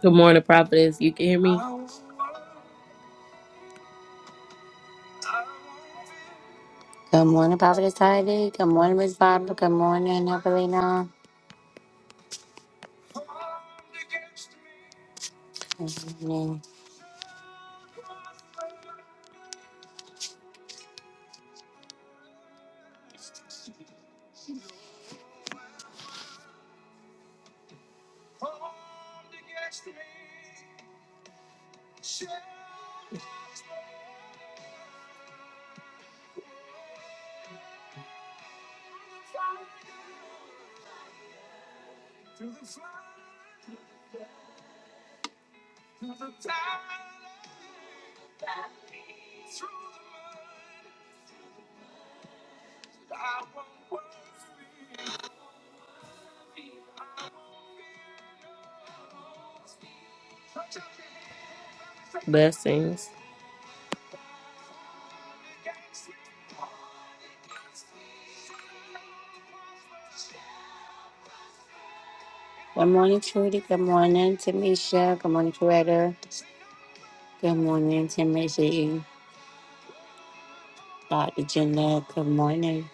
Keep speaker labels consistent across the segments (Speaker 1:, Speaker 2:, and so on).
Speaker 1: Good morning, prophetess. You can hear me?
Speaker 2: Good morning, Prophetess Heidi. Good morning, Miss Barbara. Good morning, Evelina. Good morning.
Speaker 1: Blessings.
Speaker 2: Good morning, Trudy. Good morning, Tamisha. Good morning, Coretta. Good morning, Timothy. Dr. Jeanette. Good morning.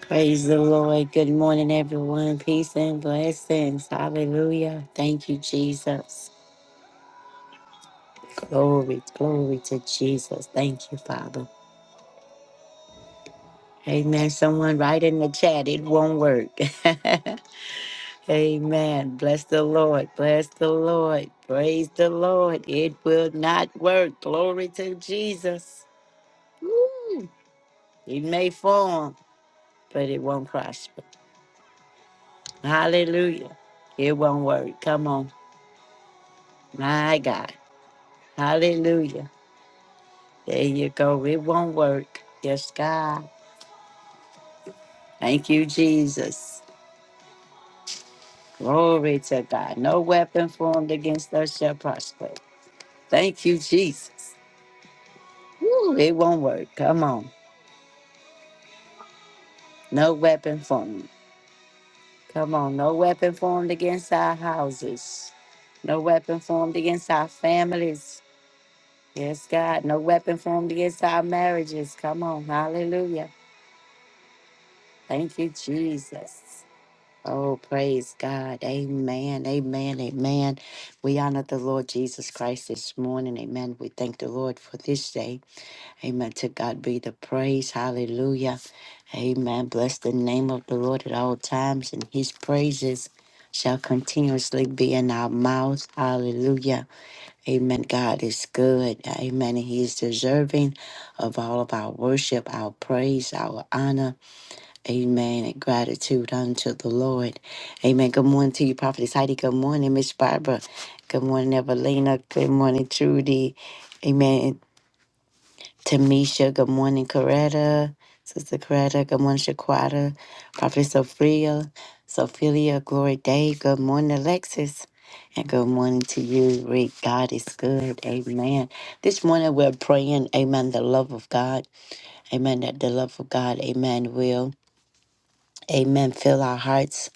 Speaker 2: Praise the Lord. Good morning, everyone. Peace and blessings. Hallelujah. Thank you, Jesus. Glory, glory to Jesus. Thank you, Father. Amen. Someone write in the chat. It won't work. Amen. Bless the Lord. Bless the Lord. Praise the Lord. It will not work. Glory to Jesus. It may form, but it won't prosper. Hallelujah. It won't work. Come on. My God. Hallelujah. There you go. It won't work. Yes, God. Thank you, Jesus. Glory to God. No weapon formed against us shall prosper. Thank you, Jesus. Ooh, it won't work. Come on. No weapon formed. Come on, no weapon formed against our houses, no weapon formed against our families. Yes, God, no weapon formed against our marriages. Come on, hallelujah. Thank you, Jesus. Oh, praise God. Amen. Amen. Amen. We honor the Lord Jesus Christ this morning. Amen. We thank the Lord for this day. Amen. To God be the praise. Hallelujah. Amen. Bless the name of the Lord at all times, and his praises shall continuously be in our mouth. Hallelujah. Amen. God is good. Amen. He is deserving of all of our worship, our praise, our honor. Amen. And gratitude unto the Lord. Amen. Good morning to you, Prophetess Heidi. Good morning, Miss Barbara. Good morning, Evelina. Good morning, Trudy. Amen. Tamisha, good morning, Coretta. Sister Coretta, good morning, Shaquata. Prophet Sophia, Sophia, Glory Day, good morning, Alexis. And good morning to you, Rick. God is good. Amen. This morning we're praying, amen, the love of God. Amen, that the love of God, amen, will, amen, fill our hearts.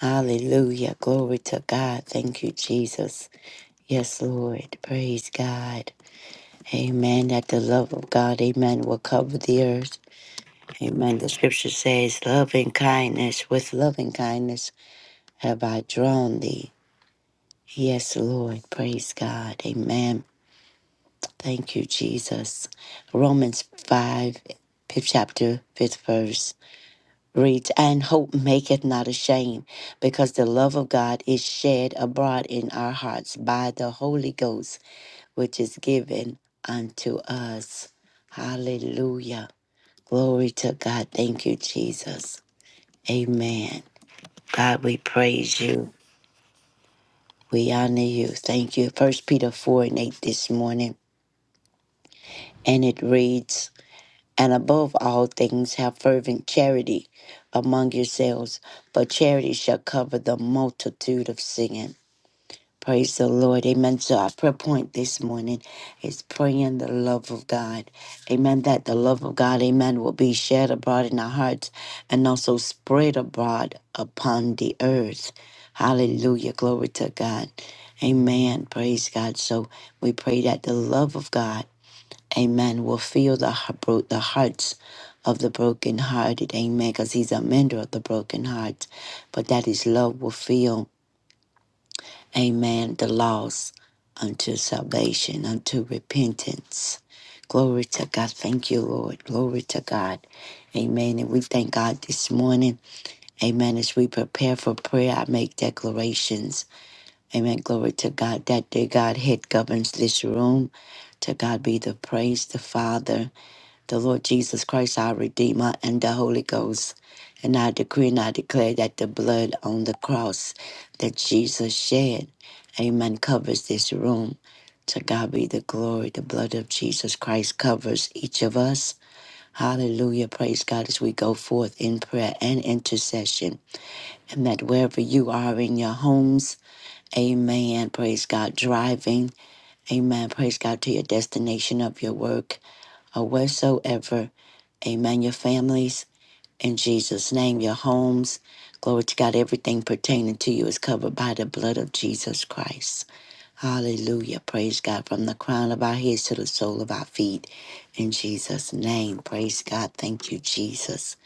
Speaker 2: Hallelujah. Glory to God. Thank you, Jesus. Yes, Lord. Praise God. Amen. That the love of God, amen, will cover the earth. Amen. The scripture says, Loving kindness, with loving kindness have I drawn thee. Yes, Lord. Praise God. Amen. Thank you, Jesus. Romans 5, fifth chapter, 5th verse reads, And hope maketh not ashamed, because the love of God is shed abroad in our hearts by the Holy Ghost, which is given unto us. Hallelujah. Glory to God. Thank you, Jesus. Amen. God, we praise you. We honor you. Thank you. First Peter 4 and 8 this morning. And it reads, And above all things have fervent charity among yourselves, but charity shall cover the multitude of sin. Praise the Lord. Amen. So our prayer point this morning is praying the love of God. Amen. That the love of God, amen, will be shared abroad in our hearts and also spread abroad upon the earth. Hallelujah. Glory to God. Amen. Praise God. So we pray that the love of God, amen, will fill the, heart- bro- the hearts of the brokenhearted. Amen. Because he's a mender of the broken hearts. But that his love will fill. Amen. The lost unto salvation, unto repentance. Glory to God. Thank you, Lord. Glory to God. Amen. And we thank God this morning. Amen. As we prepare for prayer, I make declarations. Amen. Glory to God. That day Godhead governs this room. To God be the praise, the Father the Lord Jesus Christ, our Redeemer, and the Holy Ghost. And I decree and I declare that the blood on the cross that Jesus shed, amen, covers this room. To God be the glory. The blood of Jesus Christ covers each of us. Hallelujah. Praise God as we go forth in prayer and intercession. And that wherever you are in your homes, Amen. Praise God. Driving. Amen. Praise God to your destination of your work or wheresoever. Amen. Your families in Jesus' name, your homes. Glory to God. Everything pertaining to you is covered by the blood of Jesus Christ. Hallelujah. Praise God. From the crown of our heads to the sole of our feet. In Jesus' name. Praise God. Thank you, Jesus.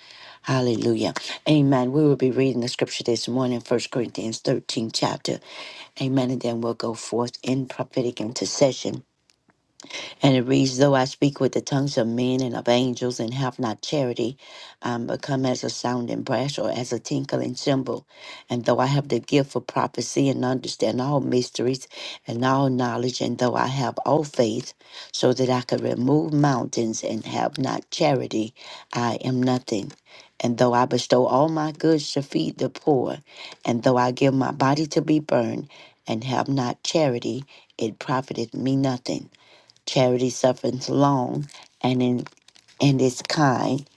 Speaker 2: Hallelujah. Amen. We will be reading the scripture this morning, First Corinthians 13, chapter. Amen. And then we'll go forth in prophetic intercession. And it reads, Though I speak with the tongues of men and of angels and have not charity, I am become as a sounding brass or as a tinkling cymbal. And though I have the gift of prophecy and understand all mysteries and all knowledge, and though I have all faith, so that I could remove mountains and have not charity, I am nothing. And though I bestow all my goods to feed the poor, and though I give my body to be burned, and have not charity, it profiteth me nothing. Charity suffereth long and in and is kind.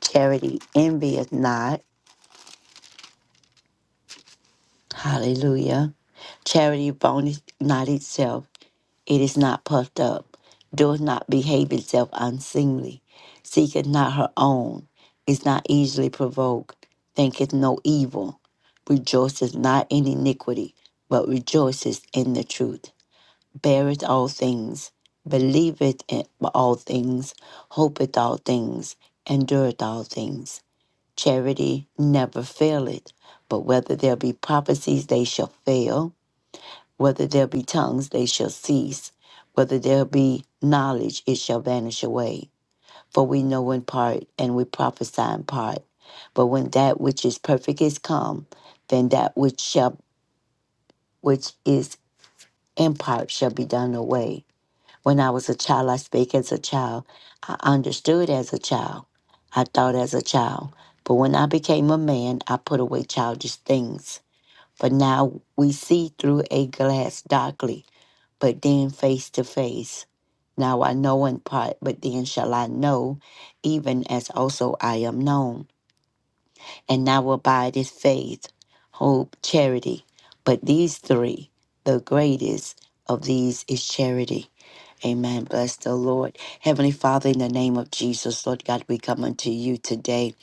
Speaker 2: Charity envieth not. Hallelujah. Charity boneth not itself. It is not puffed up. Doeth not behave itself unseemly. Seeketh not her own. Is not easily provoked. Thinketh no evil. Rejoiceth not in iniquity, but rejoiceth in the truth. beareth all things, believeth in all things, hopeth all things, endureth all things. Charity never faileth, but whether there be prophecies, they shall fail. Whether there be tongues, they shall cease. Whether there be knowledge, it shall vanish away. For we know in part, and we prophesy in part. But when that which is perfect is come, then that which shall which is in part shall be done away. When I was a child, I speak as a child. I understood as a child. I thought as a child. But when I became a man, I put away childish things. But now we see through a glass darkly, but then face to face. Now I know in part, but then shall I know, even as also I am known. And now abide is faith, hope, charity. But these three, the greatest of these is charity. Amen. Bless the Lord. Heavenly Father, in the name of Jesus, Lord God, we come unto you today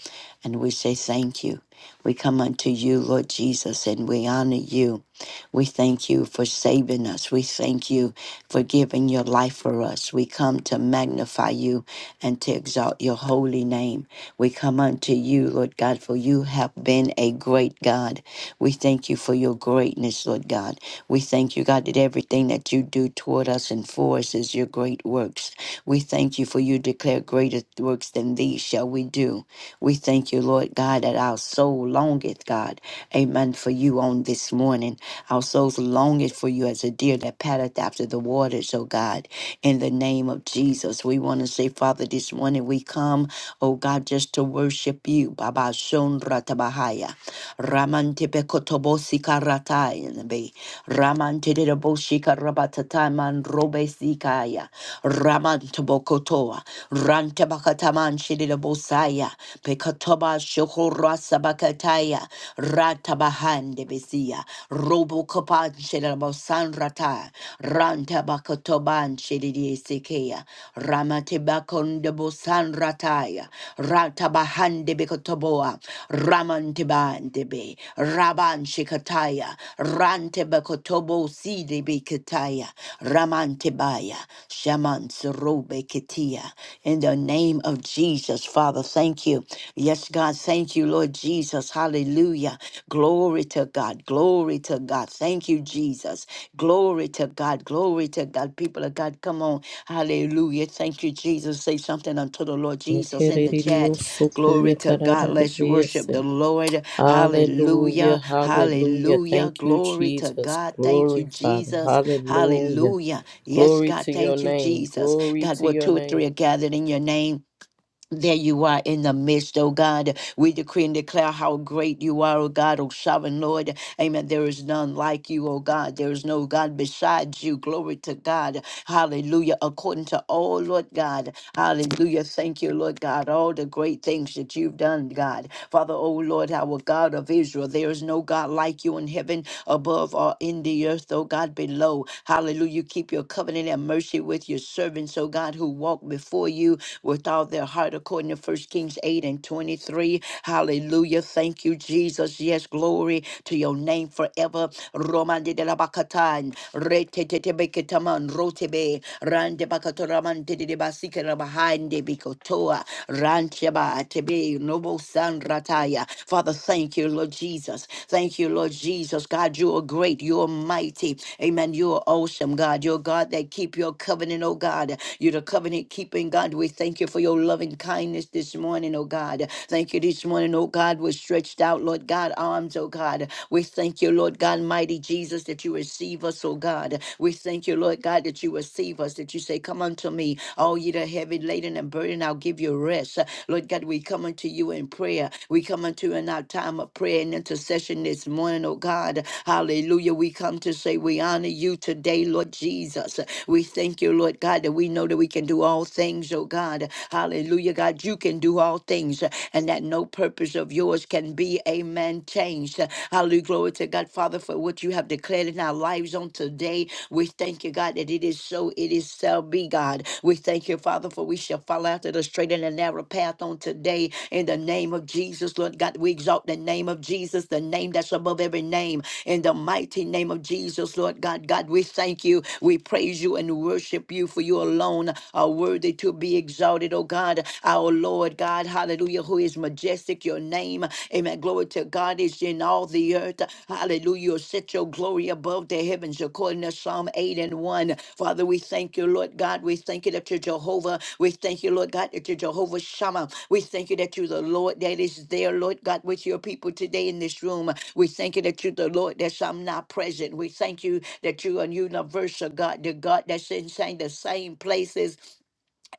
Speaker 2: and we say thank you. We come unto you, Lord Jesus, and we honor you. We thank you for saving us. We thank you for giving your life for us. We come to magnify you and to exalt your holy name. We come unto you, Lord God, for you have been a great God. We thank you for your greatness, Lord God. We thank you, God, that everything that you do toward us and for us is your great works. We thank you for you declare greater works than these shall we do we thank you, Lord God, that our soul longeth, God, amen, for you on this morning. Our souls longeth for you as a deer that patteth after the waters, oh God, in the name of Jesus. We want to say, Father, this morning we come, oh God, just to worship you. Baba Shonra Tabahaya. Ramantepekotobosika Ratayanbe. Ramantedeboshika Rabatataman Robesikaya. Ramantobokotoa. Rantabakataman Saya, Pekatoba Shokora Sabakataya, Ratabahande Besia, Robo Kapan Shedabosan Rata, Rantabakatoban Shedidi Sekea, Ramatebakon de Bosan Rataya, Ratabahande Bekotoboa, Ramanteban Debe, Raban Shikataya, Rantebakotobo Sidi Bekataya, Ramantebaya, Shaman Robe Ketia, in the name of Jesus. Jesus. Father, thank you. Yes, God, thank you, Lord Jesus. Hallelujah. Glory to God. Glory to God. Thank you, Jesus. Glory to God. Glory to God. People of God, come on. Hallelujah. Thank you, Jesus. Say something unto the Lord Jesus in the
Speaker 1: Hallelujah,
Speaker 2: chat. Glory to God. Let's worship the Lord. Hallelujah.
Speaker 1: hallelujah.
Speaker 2: Hallelujah.
Speaker 1: Thank you,
Speaker 2: Glory to
Speaker 1: Jesus.
Speaker 2: God. Thank you,
Speaker 1: Glory, Father.
Speaker 2: Jesus.
Speaker 1: Hallelujah.
Speaker 2: Hallelujah. Yes,
Speaker 1: Glory
Speaker 2: God.
Speaker 1: to your
Speaker 2: Thank you,
Speaker 1: name.
Speaker 2: Jesus.
Speaker 1: Glory
Speaker 2: God,
Speaker 1: to
Speaker 2: where
Speaker 1: your
Speaker 2: two or three
Speaker 1: name.
Speaker 2: are gathered in your name. There you are in the midst, oh God. We decree and declare how great you are, oh God, oh sovereign Lord. Amen. There is none like you, oh God. There is no God besides you. Glory to God. Hallelujah. According to all, Lord God. Hallelujah. Thank you, Lord God. All the great things that you've done, God. Father, oh Lord, our God of Israel, there is no God like you in heaven above or in the earth, oh God, below. Hallelujah. Keep your covenant and mercy with your servants, oh God, who walk before you with all of their heart, according to 1 Kings 8 and 23. Hallelujah. Thank you, Jesus. Yes, glory to your name forever. Romande de la Bacatan, Rete Beketaman, Rotebe, Rande Bacatoraman, Tede Basikara behind Bikotoa, Rancheba, Tebe, Noble San Rataya. Father, thank you, Lord Jesus. Thank you, Lord Jesus. God, you are great. You are mighty. Amen. You are awesome, God. You're God that keep your covenant, oh God. You're the covenant keeping God. We thank you Thank you for your loving kindness this morning, oh God. Thank you this morning, oh God, was stretched out, Lord God, arms, oh God. We thank you, Lord God, mighty Jesus, that you receive us, oh God. We thank you, Lord God, that you receive us, that you say, Come unto me, all ye that are heavy laden and burdened, I'll give you rest. Lord God, we come unto you in prayer. We come unto you in our time of prayer and intercession this morning, oh God. Hallelujah. We come to say we honor you today, Lord Jesus. We thank you, Lord God, that we know that we can do all things, oh purpose, oh God. Hallelujah, God, you can do all things, uh, and that no purpose of yours can be, amen, changed. Hallelujah, glory to God, Father, for what you have declared in our lives on today. We thank you, God, that it is so, it is shall be, God. We thank you, Father, for we shall follow after the straight and the narrow path on today in the name of Jesus, Lord God. We exalt the name of Jesus, the name that's above every name, in the mighty name of Jesus, Lord God. God, we thank you, we praise you, and worship you, for you alone are worthy worthy to be exalted, oh God, our Lord God, hallelujah, who is majestic, your name, amen. Glory to God is in all the earth, hallelujah. Set your glory above the heavens, according to Psalm 8 and 1. Father, we thank you, Lord God. We thank you that you're Jehovah. We thank you, Lord God, that you're Jehovah Shammah. We thank you that you're the Lord that is there, Lord God, with your people today in this room. We thank you that you're the Lord that's i present. We thank you that you are universal, God, the God that's in the same places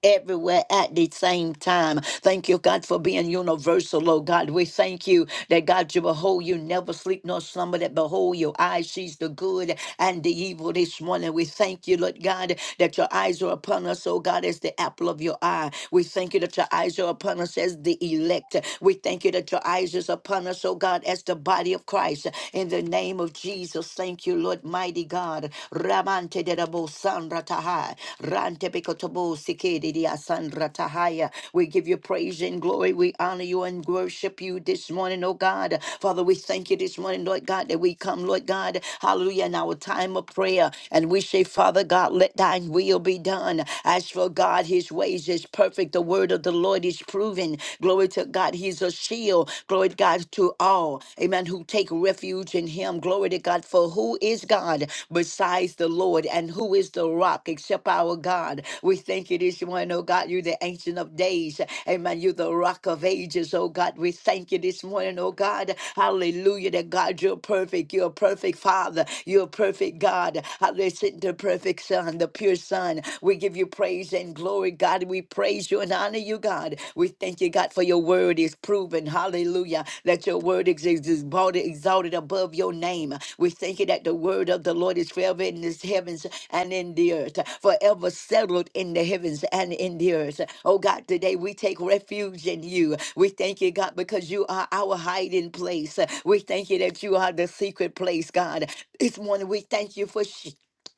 Speaker 2: everywhere at the same time. Thank you, God, for being universal, oh God. We thank you that God, you behold, you never sleep nor slumber, that behold, your eyes sees the good and the evil this morning. We thank you, Lord God, that your eyes are upon us, oh God, as the apple of your eye. We thank you that your eyes are upon us as the elect. We thank you that your eyes is upon us, oh God, as the body of Christ. In the name of Jesus, thank you, Lord, mighty God. God. Ramante de Rabo Sandra Tahai. Rante Bekotobo Sike de Dia Sandra Tahaya. We give you praise and glory. We honor you and worship you this morning, oh God. Father, we thank you this morning, Lord God, that we come, Lord God. Hallelujah. In our time of prayer. And we say, Father God, let thine will be done. As for God, his ways is perfect. The word of the Lord is proven. Glory to God. He's a shield. Glory to God to all, amen, who take refuge in him. Glory to God. For who is God besides the Lord? And who is the rock except our God? We thank you this morning, oh God. You're the ancient of days. Amen. You're the rock of ages, oh God. We thank you this morning, oh God. Hallelujah. That God, you're perfect. You're a perfect Father. You're a perfect God. Hallelujah. The perfect Son, the pure Son. We give you praise and glory, God. We praise praise you and honor you, God. We thank you, God, for your word is proven. Hallelujah. That your word is is- is brought- exalted above your name. We thank you that the word of the Lord is forever in the heavens and in the earth, forever settled in the heavens and in the earth. Oh God, today we take refuge in you. We thank you, God, because you are our hiding place. We thank you that you are the secret place, God. This morning we thank you for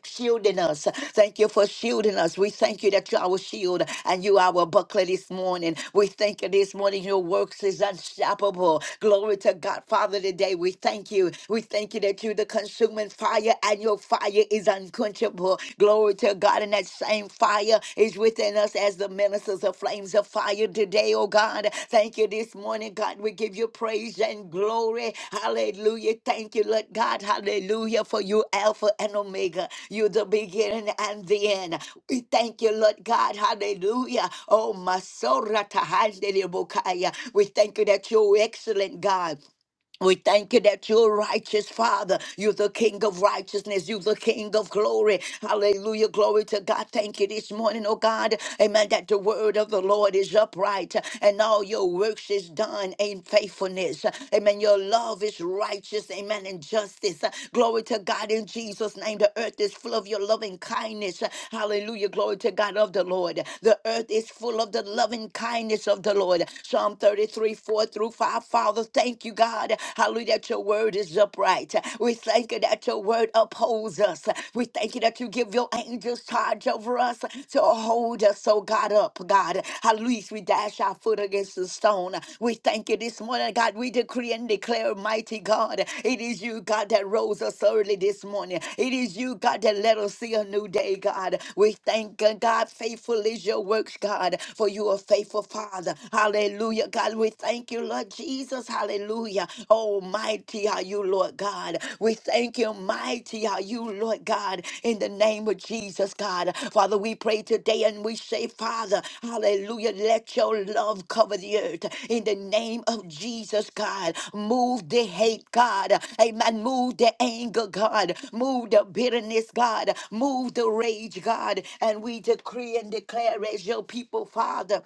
Speaker 2: shielding us. Thank you for shielding us. We thank you that you're our shield and you are our buckler this morning. We thank you this morning. Your works is unstoppable. Glory to God, Father, today. We thank you. We thank you that you're the consuming fire and your fire is unquenchable. Glory to God. And that same fire is within us as the ministers of tongues flames of fire today, oh God. Thank you this morning, God. We give you praise and glory. Hallelujah. Thank you, Lord God. Hallelujah. For you, Alpha and Omega. you the beginning and the end. We thank you, Lord God. Hallelujah. Oh, Masorata Handelebokaya. We thank you that you're excellent, God. We thank you that you're righteous, Father. You're the King of righteousness. You're the King of glory. Hallelujah. Glory to God. Thank you this morning, oh God. Amen. That the word of the Lord is upright and all your works is done in faithfulness. Amen. Your love is righteous. Amen. And justice. Glory to God in Jesus' name. The earth is full of your loving kindness. Hallelujah. Glory to God of the Lord. The earth is full of the loving kindness of the Lord. Psalm 33, 4 through 5 our Father, thank you, God. Hallelujah, that your word is upright. We thank you that your word upholds us. We thank you that you give your angels charge over us to hold us, so God, up, God. Hallelujah, we dash our foot against the stone. We thank you this morning, God. We decree and declare, mighty God, it is you, God, that rose us early this morning. It is you, God, that let us see a new day, God. We thank you, God. Faithful is your works, God, for you are faithful, Father. Hallelujah. Hallelujah. God, we thank you, Lord Jesus. Hallelujah. Oh, mighty are you, Lord God. We thank you, mighty are you, Lord God, in the name of Jesus, God. Father, we pray today and we say, Father, hallelujah, let your love cover the earth in the name of Jesus, God. Move the hate, God. Amen. Move the anger, God. Move the bitterness, God. Move the rage, God. And we decree and declare as your people, Father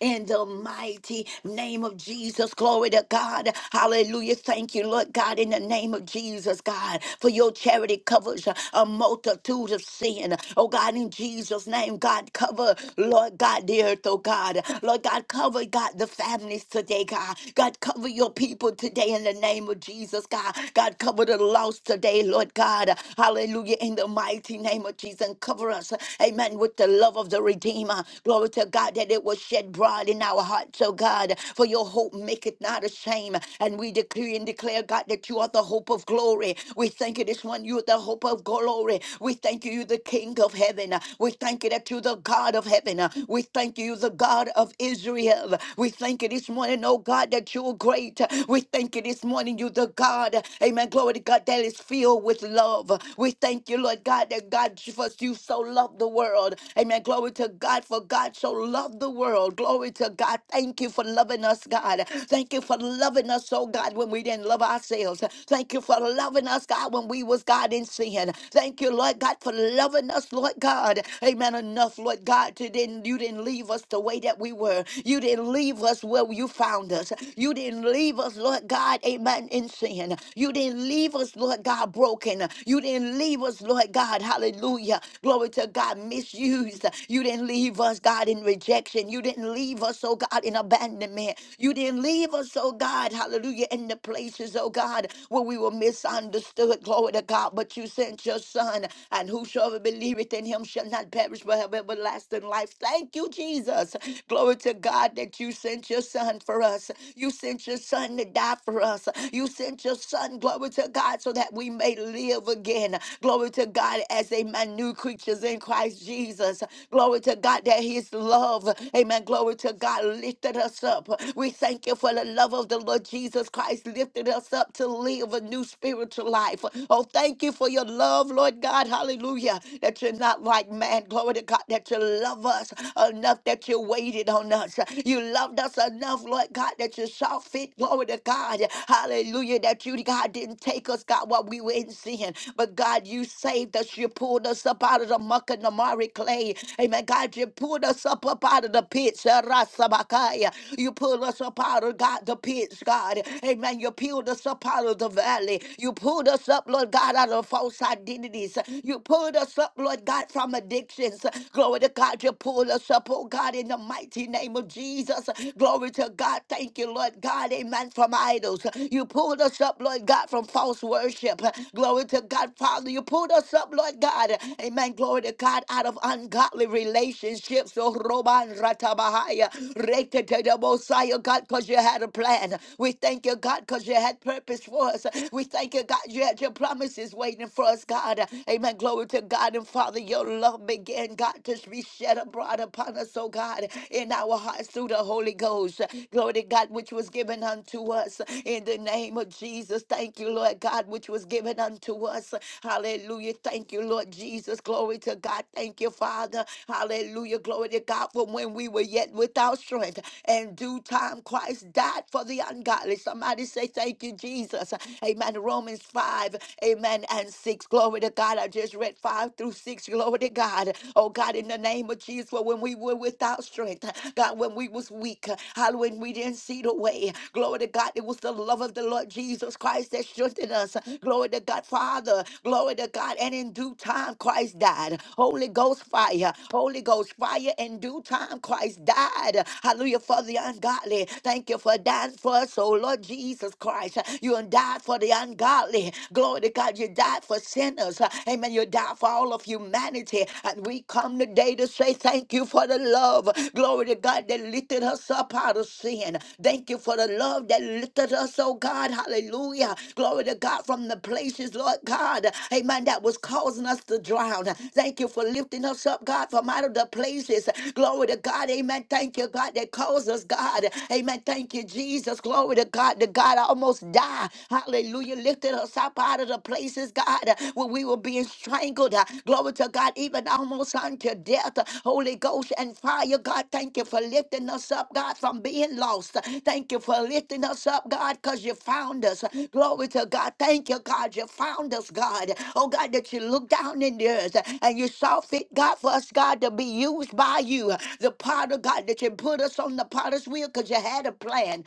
Speaker 2: in the mighty name of Jesus. Glory to God. Hallelujah. Thank you, Lord God, in the name of Jesus, God, for your charity covers a multitude of sin. Oh God, in Jesus' name, God, cover, Lord God, the earth, oh God. Lord God, cover, God, the families today, God. God, cover your people today in the name of Jesus, God. God, cover the lost today, Lord God. Hallelujah. In the mighty name of Jesus, and cover us, amen, with the love of the Redeemer. Glory to God that it was shed broad in our hearts, oh God. For your hope maketh not ashamed. And we decree and declare, God, that you are the hope of glory. We thank you this one. You are the hope of glory. We thank you, you the King of heaven. We thank you that you the God of heaven. We thank you, you the God of Israel. We thank you this morning, oh God, that you're great. We thank you this morning, you the God. Amen. Glory to God that is filled with love. We thank you, Lord God, that God for you so loved the world. Amen. Glory to God, for God so loved the world. Glory to God. Thank you for loving us, God. Thank you for loving us, oh God, when we didn't love ourselves. Thank you for loving us, God, when we was God in sin. Thank you, Lord God, for loving us, Lord God. Amen. Enough, Lord God, to didn't you didn't leave us the way that we were. You didn't leave us where you found us. You didn't leave us, Lord God, amen, in sin. You didn't leave us, Lord God, broken. You didn't leave us, Lord God. Hallelujah. Glory to God, misused. You didn't leave us, God, in rejection. You didn't leave us, oh God, in abandonment. You didn't leave us, oh God, hallelujah, in the places, oh God, where we were misunderstood. Glory to God. But you sent your son, and whosoever believeth in him shall not perish but have everlasting life. Thank you, Jesus. Glory to God that you sent your son for us. You sent your son to die for us. You sent your the Son, glory to God, so that we may live again. Glory to God as a new creatures in Christ Jesus. Glory to God that His love, amen. Glory to God lifted us up. We thank you for the love of the Lord Jesus Christ lifted us up to live a new spiritual life. Oh, thank you for your love, Lord God. Hallelujah. That you're not like man. Glory to God that you love us enough that you waited on us. You loved us enough, Lord God, that you saw forfeit, glory to God, hallelujah, that you, God, didn't take us, God, while we were in sin. But God, you saved us. You pulled us up out of the muck and the mire clay. Amen. God, you pulled us up, up out of the pits. Rasabakaya. You pulled us up out of God, the pits, God. Amen. You peeled us up out of the valley. You pulled us up, Lord God, out of false identities. You pulled us up, Lord God, from addictions. Glory to God. You pulled us up, oh God, in the mighty name of Jesus. Jesus. Glory to God. Thank you, Lord God. Amen. From idols. You pulled us up, Lord God, from false worship. Glory to God, Father. You pulled us up, Lord God. Amen. Glory to God out of ungodly relationships. Oh, Roman Ratabahaya. Rekete de Mosiah, God, because you had a plan. We thank you, God, because you had purpose for us. We thank you, God, you had your promises waiting for us, God. Amen. Glory to God and Father. Your love began, God, to be shed abroad brought upon us, oh God, in our hearts through the Holy Ghost. Glory to God, which was given unto us in the name of Jesus. Thank you, Lord God, which was given unto us. Hallelujah. Thank you, Lord Jesus. Glory to God. Thank you, Father. Hallelujah. Glory to God. For when we were yet without strength, and due time Christ died for the ungodly. Somebody say, Thank you, Jesus. Amen. Romans 5, amen, and 6. Glory to God. I just read 5 through 6 weeks. Glory to God. Oh God, in the name of Jesus, for when we were without strength, God, when we was weak, hallelujah, when we didn't see the way. Glory to God. It was the love of the Lord Jesus Christ that strengthened us. Glory to God, Father. Glory to God. And in due time, Christ died. Holy Ghost fire. Holy Ghost fire. In due time, Christ died. Hallelujah. For the ungodly. Thank you for dying for us, oh Lord Jesus Christ. You and died for the ungodly. Glory to God. You died for for sinners. Uh, Amen. You died for all of humanity. And we come today to say thank you for the love. Glory to God that lifted us up out of sin. Thank you for the love that lifted us, oh God. Hallelujah. Glory to God from the places, Lord God. Amen. That was causing us to drown. Thank you for lifting us up, God, from out of the places. Glory to God. Amen. Thank you, God, that caused us, God. Amen. Thank you, Jesus. Glory to God. The God almost died. Hallelujah hallelujah, lifted us up out of the places, God, uh, where we were being strangled. uh, Glory to God, even almost unto death. uh, Holy Ghost and fire, God, thank you for lifting us up, God, from being lost. uh, Thank you for lifting us up, God, because you found us. uh, Glory to God, thank you, God, you found us, God. Oh, God, that you looked down in the earth uh, and you saw fit, God, for us, God, to be used by you. uh, The potter, God, that you put us on the potter's wheel because you had a plan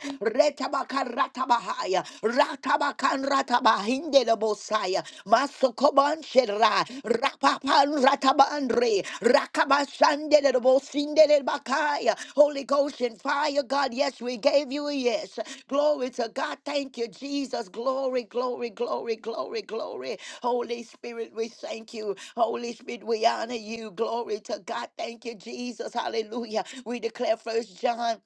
Speaker 2: ratabakarataba ratabakanrataba hindelebosaya masokobanshera rapapanratabandre rakabashandelebosindelebakaya Holy Ghost and fire, God, yes, we gave you a yes. Glory to God. Thank you, Jesus. Glory, glory, glory, glory, glory. Holy Spirit, we thank you. Holy Spirit, we honor you. Glory to God. Thank you, Jesus. Hallelujah. We declare first John.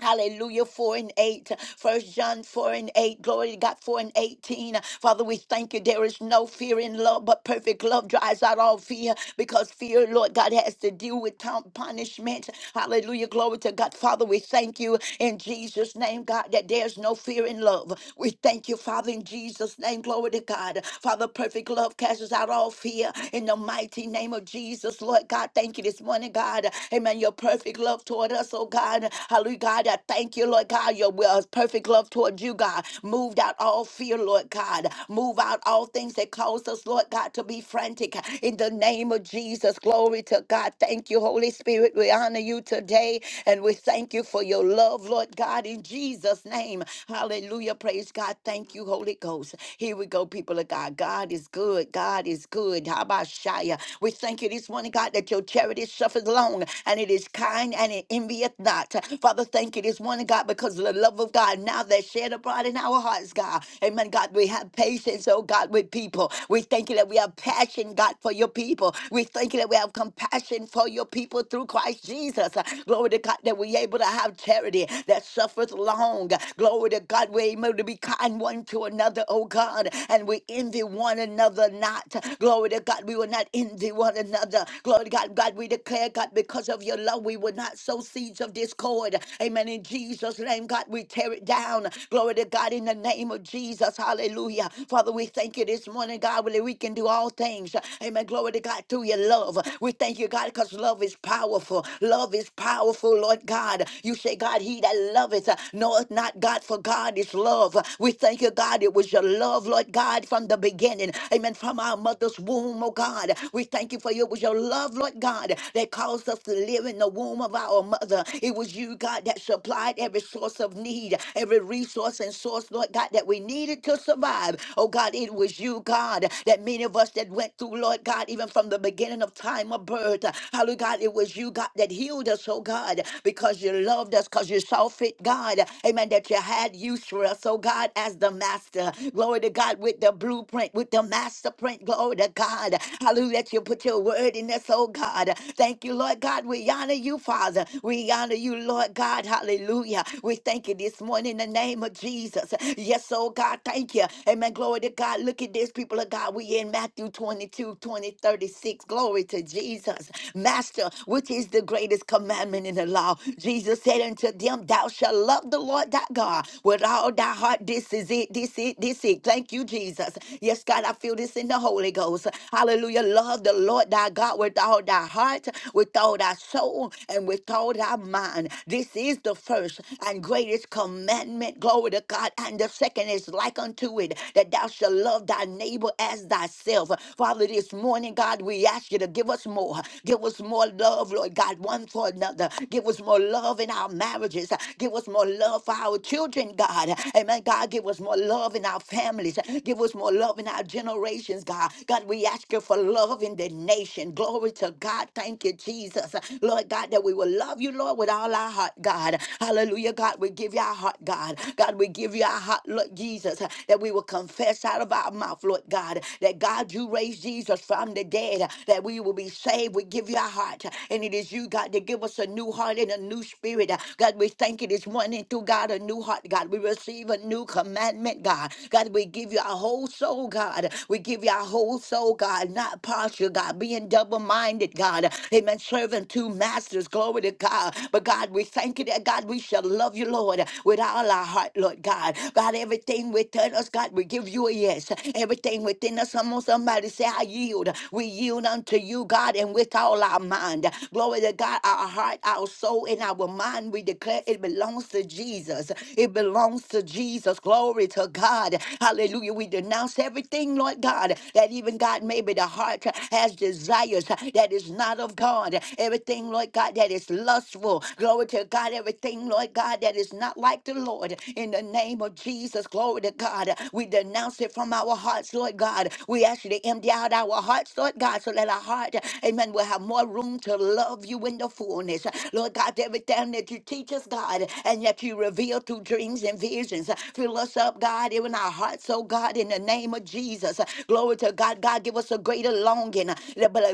Speaker 2: Hallelujah, 4 and 8. First John 4 and 8. Glory to God, 4 and 18. Father, we thank you. There is no fear in love, but perfect love drives out all fear because fear, Lord God, has to deal with town punishment. Hallelujah, glory to God. Father, we thank you in Jesus' name, God, that there's no fear in love. We thank you, Father, in Jesus' name. Glory to God. Father, perfect love casts out all fear in the mighty name of Jesus, Lord God. Thank you this morning, God. Amen. Your perfect love toward us, us, oh God. Hallelujah, God. I thank you, Lord God. Your will is perfect love towards you, God. Moved out all fear, Lord God. Move out all things that cause us, Lord God, to be frantic. In the name of Jesus, glory to God. Thank you, Holy Spirit. We honor you today and we thank you for your love, Lord God, in Jesus' name. Hallelujah. Praise God. Thank you, Holy Ghost. Here we go, people of God. God is good. God is good. How about Shia? We thank you this morning, God, that your charity suffers long and it is it is kind and it envieth not. Father, thank you this morning, God, because of the love of God now that shed abroad in our hearts, God. Amen, God. We have patience, oh God, with people. We thank you that we have passion, God, for your people. We thank you that we have compassion for your people through Christ Jesus. Glory to God that we're able to have charity that suffers long. Glory to God, we're able to be kind one to another, oh God, and we envy one another not. Glory to God, we will not envy one another. Glory to God, God, we declare, God, because of your love, we will not sow seeds of discord. Amen. In Jesus' name, God, we tear it down. Glory to God in the name of Jesus. Hallelujah. Father, we thank you this morning, God, that we can do all things. Amen. Glory to God through your love. We thank you, God, because love is powerful. Love is powerful, Lord God. You say, God, he that loveth knoweth not God, for God is love. We thank you, God, it was your love, Lord God, from the beginning. Amen. From our mother's womb, oh God. We thank you for Your was your love, Lord God, that caused us to live in the womb of our mother. It was you, God, that supplied every source of need, every resource and source, Lord God, that we needed to survive. Oh God, it was you, God, that many of us that went through, Lord God, even from the beginning of time of birth. Hallelujah, God, it was you, God, that healed us, oh God, because you loved us, because you saw fit, God. Amen. That you had use for us, oh God, as the master. Glory to God with the blueprint, with the master print. Glory to God. Hallelujah. That you put your word in us, oh God. Thank you, Lord God. We honor you, Father. We honor you, Lord God. Hallelujah. We thank you this morning in the name of Jesus. Yes, oh God. Thank you. Amen. Glory to God. Look at this, people of God. We in Matthew 22, 20, 36. Glory to Jesus. Master, which is the greatest commandment in the law? Jesus said unto them, Thou shalt love the Lord thy God with all thy heart. This is it. This is it. This is it. Thank you, Jesus. Yes, God, I feel this in the the Holy Ghost. Hallelujah. Love the Lord thy God with all thy heart, with all thy soul, and with all thy mind. This is the first and greatest commandment. Glory to God. And the second is like unto it that thou shalt love thy neighbor as thyself. Father, this morning, God, we ask you to give us more. Give us more love, Lord God, one for another. Give us more love in our marriages. Give us more love for our children, God. Amen. God, give us more love in our families. Give us more Loving our generations, God. God, we ask you for love in the nation. Glory to God. Thank you, Jesus. Lord God, that we will love you, Lord, with all our heart, God. Hallelujah, God. We give you our heart, God. God, we give you our heart, Lord Jesus, that we will confess out of our mouth, Lord God, that God, you raised Jesus from the dead, that we will be saved. We give you our heart. And it is you, God, that give us a new heart and a new spirit. God, we thank you this morning through God, a new heart, God. We receive a new commandment, God. God, we give you our whole soul, God. We give you our whole soul, God, not partial, God, being double minded, God. Amen. Serving two masters, glory to God. But God, we thank you that, God, we shall love you, Lord, with all our heart, Lord God. God, everything within us, God, we give you a yes. Everything within us, someone, somebody say, I yield. We yield unto you, God, and with all our mind. Glory to God, our heart, our soul, and our mind, we declare it belongs to Jesus. It belongs to Jesus. Jesus. Glory to God. Hallelujah. We denounce everything, Lord God, that even God, maybe the heart has desires that is not of God. Everything, Lord God, that is lustful. Glory to God. Everything, Lord God, that is not like the Lord. In the name of Jesus, glory to God. We denounce it from our hearts, Lord God. We ask you to empty out our hearts, Lord God, so that our heart, amen, will have more room to love you in the fullness. Lord God, everything that you teach us, God, and that you reveal through dreams and visions. Fill us up, God, in our hearts, oh God, in the name of Jesus. Glory to God. God, give us a greater longing.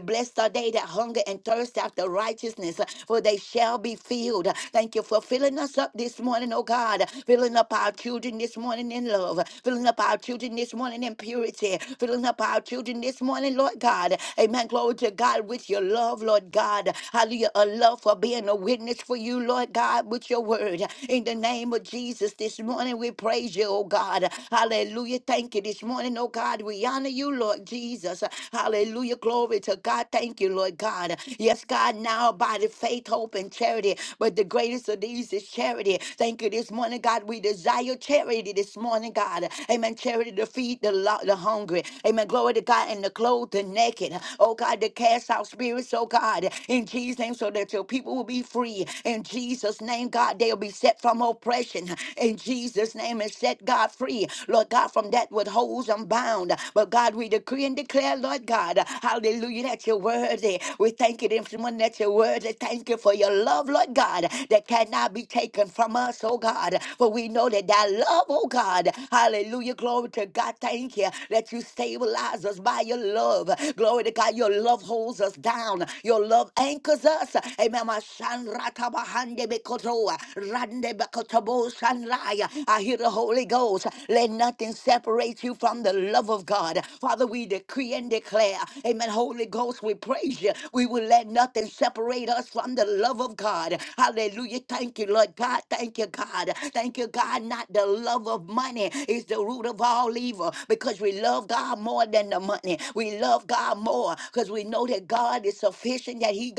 Speaker 2: Blessed are they that hunger and thirst after righteousness, uh, for they shall be filled. Thank you for filling us up this morning, oh God. Filling up our children this morning in love. Filling up our children this morning in purity. Filling up our children this morning, Lord God. Amen. Glory to God with your love, Lord God. Hallelujah. A love for being a witness for you, Lord God, with your word. God. In the name of Jesus, this morning we praise you, oh God. Hallelujah. Thank you this morning, oh God. We honor you, Lord Jesus. Hallelujah. Glory to God. Thank you, Lord God. Yes, God, now by the faith, hope, and charity. But the greatest of these is charity. Thank you this morning, God. We desire charity this morning, God. Amen. Charity to feed the, lo- the hungry. Amen. Glory to God. And to clothe the naked. Oh God, to cast out spirits, oh God. In Jesus' name, so that your people will be free. In Jesus' Jesus' name, God, they'll be set from oppression in Jesus' name and set God free, Lord God, from that what holds them bound. But God, we decree and declare, Lord God, hallelujah, that you're worthy. We thank you, this morning that you're worthy. Thank you for your love, Lord God, that cannot be taken from us, oh God. For we know that that love, oh God, hallelujah, glory to God, thank you that you stabilize us by your love. Glory to God, your love holds us down, your love anchors us. Amen. San Ratabahande Bekotoa, Rande Bekotobo Sanraya. I hear the Holy Ghost. Let nothing separate you from the love of God. Father, we decree and declare, Amen. Holy Ghost, we praise you. We will let nothing separate us from the love of God. Hallelujah. Thank you, Lord God. Thank you, God. Thank you, God. Not the love of money is the root of all evil because we love God more than the money. We love God more because we know that God is sufficient, that He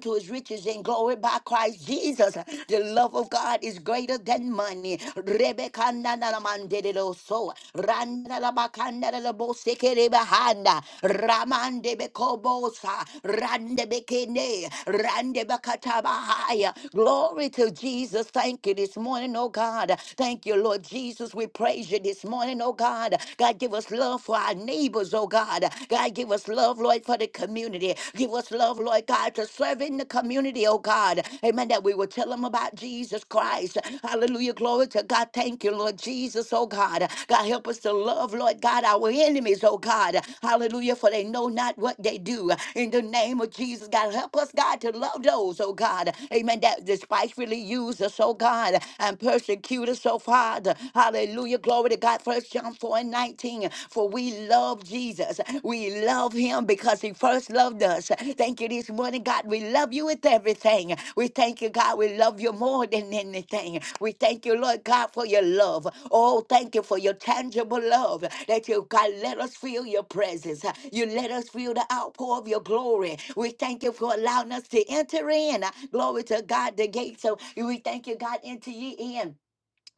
Speaker 2: to his riches in glory by Christ Jesus. The love of God is greater than money. Rebecca so Randa Ramande Bekobosa Rande Bekene Rande Bakatabahaya. Glory to Jesus. Thank you this morning, oh God. Thank you, Lord Jesus. We praise you this morning, oh God. God give us love for our neighbors, oh God. God give us us love, Lord, for the community. Give us love, Lord God, to serve in the community, oh God. Amen. That we will tell them about Jesus Christ. Hallelujah. Glory to God. Thank you, Lord Jesus, oh God. God, help us to love, Lord God, our enemies, oh God. Hallelujah. For they know not what they do. In the name of Jesus, God, help us, God, to love those, oh God. Amen. That despitefully use us, oh God, and persecute us, oh Father. Hallelujah. Glory to God. First John 4 4 and 19. For we love Jesus. We love him because he first loved us. Thank you this morning, God. We love you with everything. We thank you, God. We love you more than anything. We thank you, Lord God, for your love. Oh, thank you for your tangible love that you, God, let us feel your presence. You let us feel the outpour of your glory. We thank you for allowing us to enter in. Glory to God, the gates. So we thank you, God, enter ye in.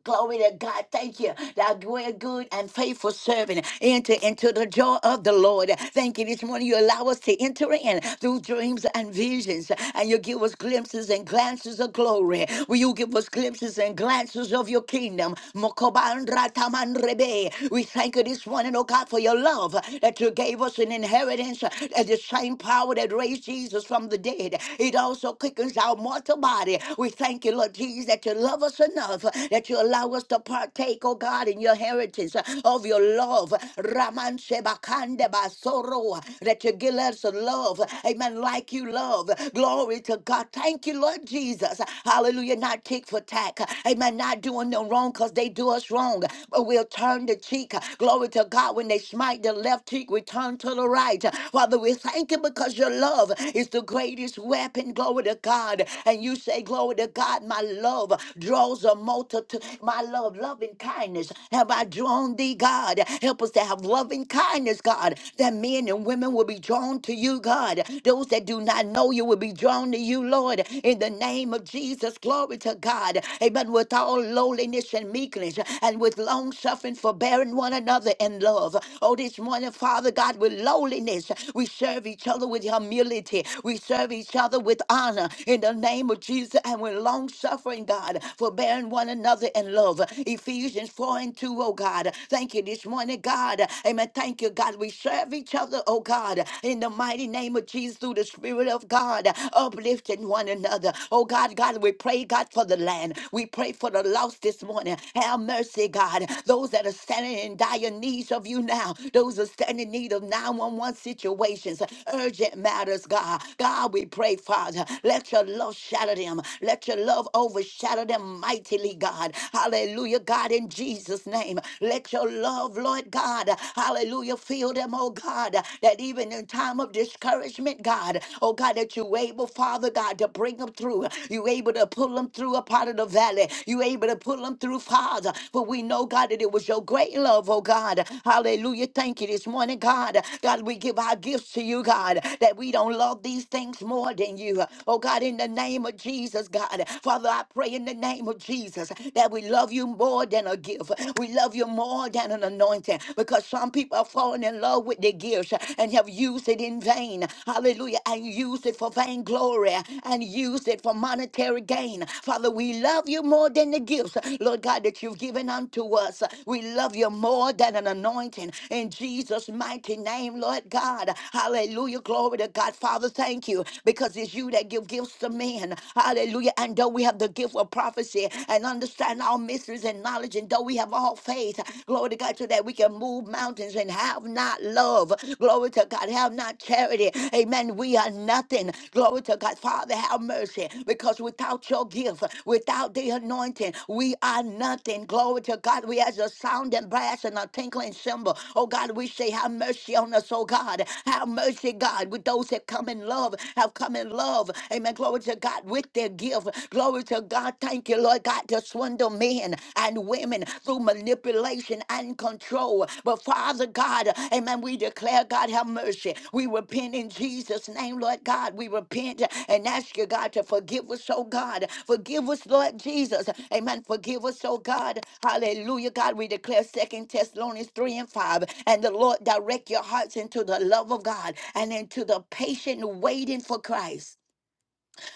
Speaker 2: Glory to God. Thank you. Thou great, good and faithful servant. Enter into the joy of the Lord. Thank you. This morning you allow us to enter in through dreams and visions. And you give us glimpses and glances of glory. Will you give us glimpses and glances of your kingdom? Mokobandratamanrebe. We thank you this morning, oh God, for your love that you gave us an inheritance. That the same power that raised Jesus from the dead. It also quickens our mortal body. We thank you, Lord Jesus, that you love us enough uh, that you allow us to partake, oh God, in your heritage uh, of your love. Raman Shebakande Basoro, uh, that you give us a love, uh, amen, like you love. Glory to God. Thank you, Lord Jesus. Hallelujah. Not tick for tack. Amen. Not doing them wrong because they do us wrong. But we'll turn the cheek. Glory to God. When they smite the left cheek, we turn to the right. Father, we thank you because your love is the greatest weapon. Glory to God. And you say, Glory to God, my love draws a multitude. My love, loving kindness have I drawn thee, God. Help us to have loving kindness, God, that men and women will be drawn to you, God. Those that do not know you will be drawn to you, Lord. In the name of Jesus, glory to God. Amen. With all lowliness and meekness and with long suffering, forbearing one another in love. Oh, this morning, Father God, with lowliness, we serve each other with humility. We serve each other with honor in the name of Jesus and with long suffering, forbearing, God, forbearing one another in love. Ephesians 4 and 2, oh God. Thank you this morning, God. Amen. Thank you, God. We serve each other, oh God, in the mighty name of Jesus through the Spirit of God, uplifting one another. Oh God, God, we pray, God, for the land. We pray for the lost this morning. Have mercy, God. Those that are standing in dire needs of you now, those that are standing in need of 911 situations, urgent matters, God. God, we pray, Father, let your love shatter them. Let your love love overshadow them mightily, God. Hallelujah, God, in Jesus' name. Let your love, Lord God, hallelujah, fill them, oh God, that even in time of discouragement, God, oh God, that you able, Father God, to bring them through. You able to pull them through a part of the valley. You able to pull them through, Father. For we know, God, that it was your great love, oh God. Hallelujah. Thank you this morning, God. God, we give our gifts to you, God, that we don't love these things more than you. Oh God, in the name of Jesus. Jesus, God. Father, I pray in the name of Jesus that we love you more than a gift. We love you more than an anointing because some people are falling in love with their gifts and have used it in vain. Hallelujah. And used it for vainglory and used it for monetary gain. Father, we love you more than the gifts, Lord God, that you've given unto us. We love you more than an anointing. In Jesus' mighty name, Lord God. Hallelujah. Glory to God. Father, thank you because it's you that give gifts to men sin. Hallelujah. And though we have the gift of prophecy and understand all mysteries and knowledge, and though we have all faith, glory to God, so that we can move mountains and have not love. Glory to God, have not charity. Amen. We are nothing. Glory to God. Father, have mercy. Because without your gift, without the anointing, we are nothing. Glory to God. We as a sounding brass and a tinkling cymbal. Oh God, we say, have mercy on us, oh God. Have mercy, God, with those that come in love, have come in love. Amen women, glory to God, with their gift. Glory to God. Thank you, Lord God, to swindle men and women through manipulation and control. But Father God, amen, we declare, God, have mercy. We repent in Jesus' name, Lord God. We repent and ask you, God, to forgive us, oh God. Forgive us, Lord Jesus. Amen. Forgive us, oh God. Hallelujah, God. We declare Second Thessalonians 3 and 5. And the Lord direct your hearts into the love of God and into the patient waiting for Christ.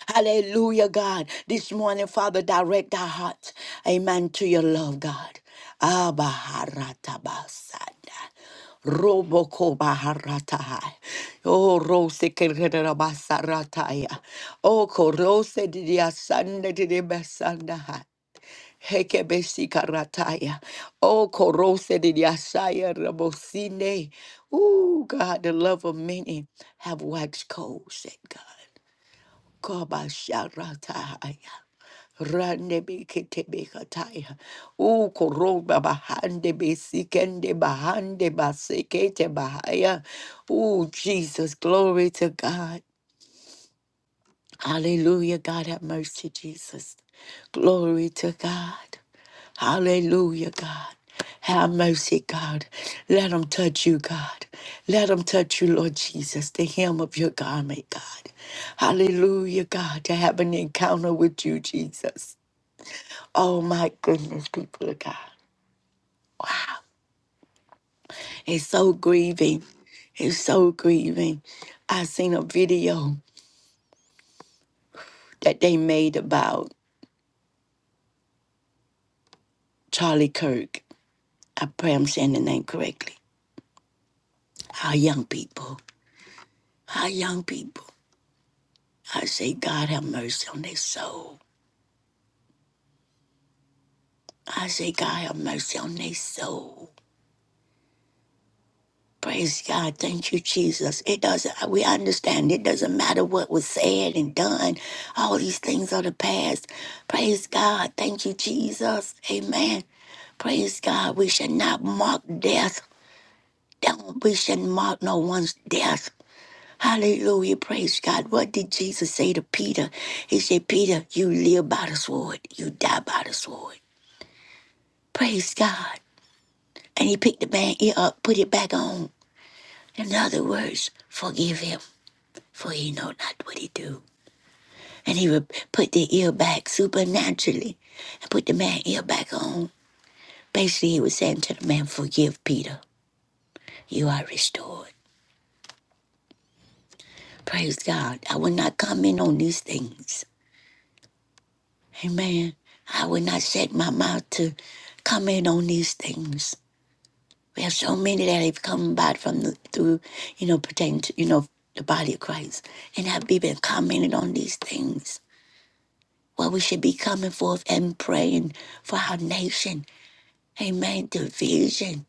Speaker 2: Hallelujah, God. This morning, Father, direct our hearts. Amen. To your love, God. Abba haratabasada. Roboko baharatahai. Oh, rose kerera basarataya. Oh, korose didia sande didia basandahai. Heke besikarataya. Oh, korose didia saya rabosine. Ooh, God, the love of many have waxed cold, said God. Kobasharataya. Randebe ketebe kataya. O koroba bahande be sikende bahande basekete bahaya. Oh Jesus, glory to God. Hallelujah. God have mercy, Jesus. Glory to God. Hallelujah, God. Have mercy, God. Let them touch you, God. Let them touch you, Lord Jesus, the hem of your garment, God. Hallelujah, God, to have an encounter with you, Jesus. Oh, my goodness, people of God. It's so grieving. It's so grieving. I seen a video that they made about Charlie Kirk. I pray I'm saying the name correctly our young people, our young people. I say, God have mercy on their soul. I say, God have mercy on their soul. Praise God. Thank you, Jesus. It doesn't, we understand it doesn't matter what was said and done. All these things are the past. Praise God. Thank you, Jesus. Amen. Praise God. We should not mock death. Don't- We should mock no one's death. Hallelujah. Praise God. What did Jesus say to Peter? He said, Peter, you live by the sword, you die by the sword. Praise God. And he picked the man ear up, put it back on. In other words, forgive him, for he know not what he do. And he would put the ear back supernaturally and put the man ear back on. Basically, he was saying to the man, forgive Peter. You are restored. Praise God. I will not comment on these things Amen. I would not set my mouth to comment on these things. We have so many that have come about from the, through, you know, pertaining to, you know, the body of Christ and have be- been commented on these things. Well, we should be coming forth and praying for our nation. Amen. Division.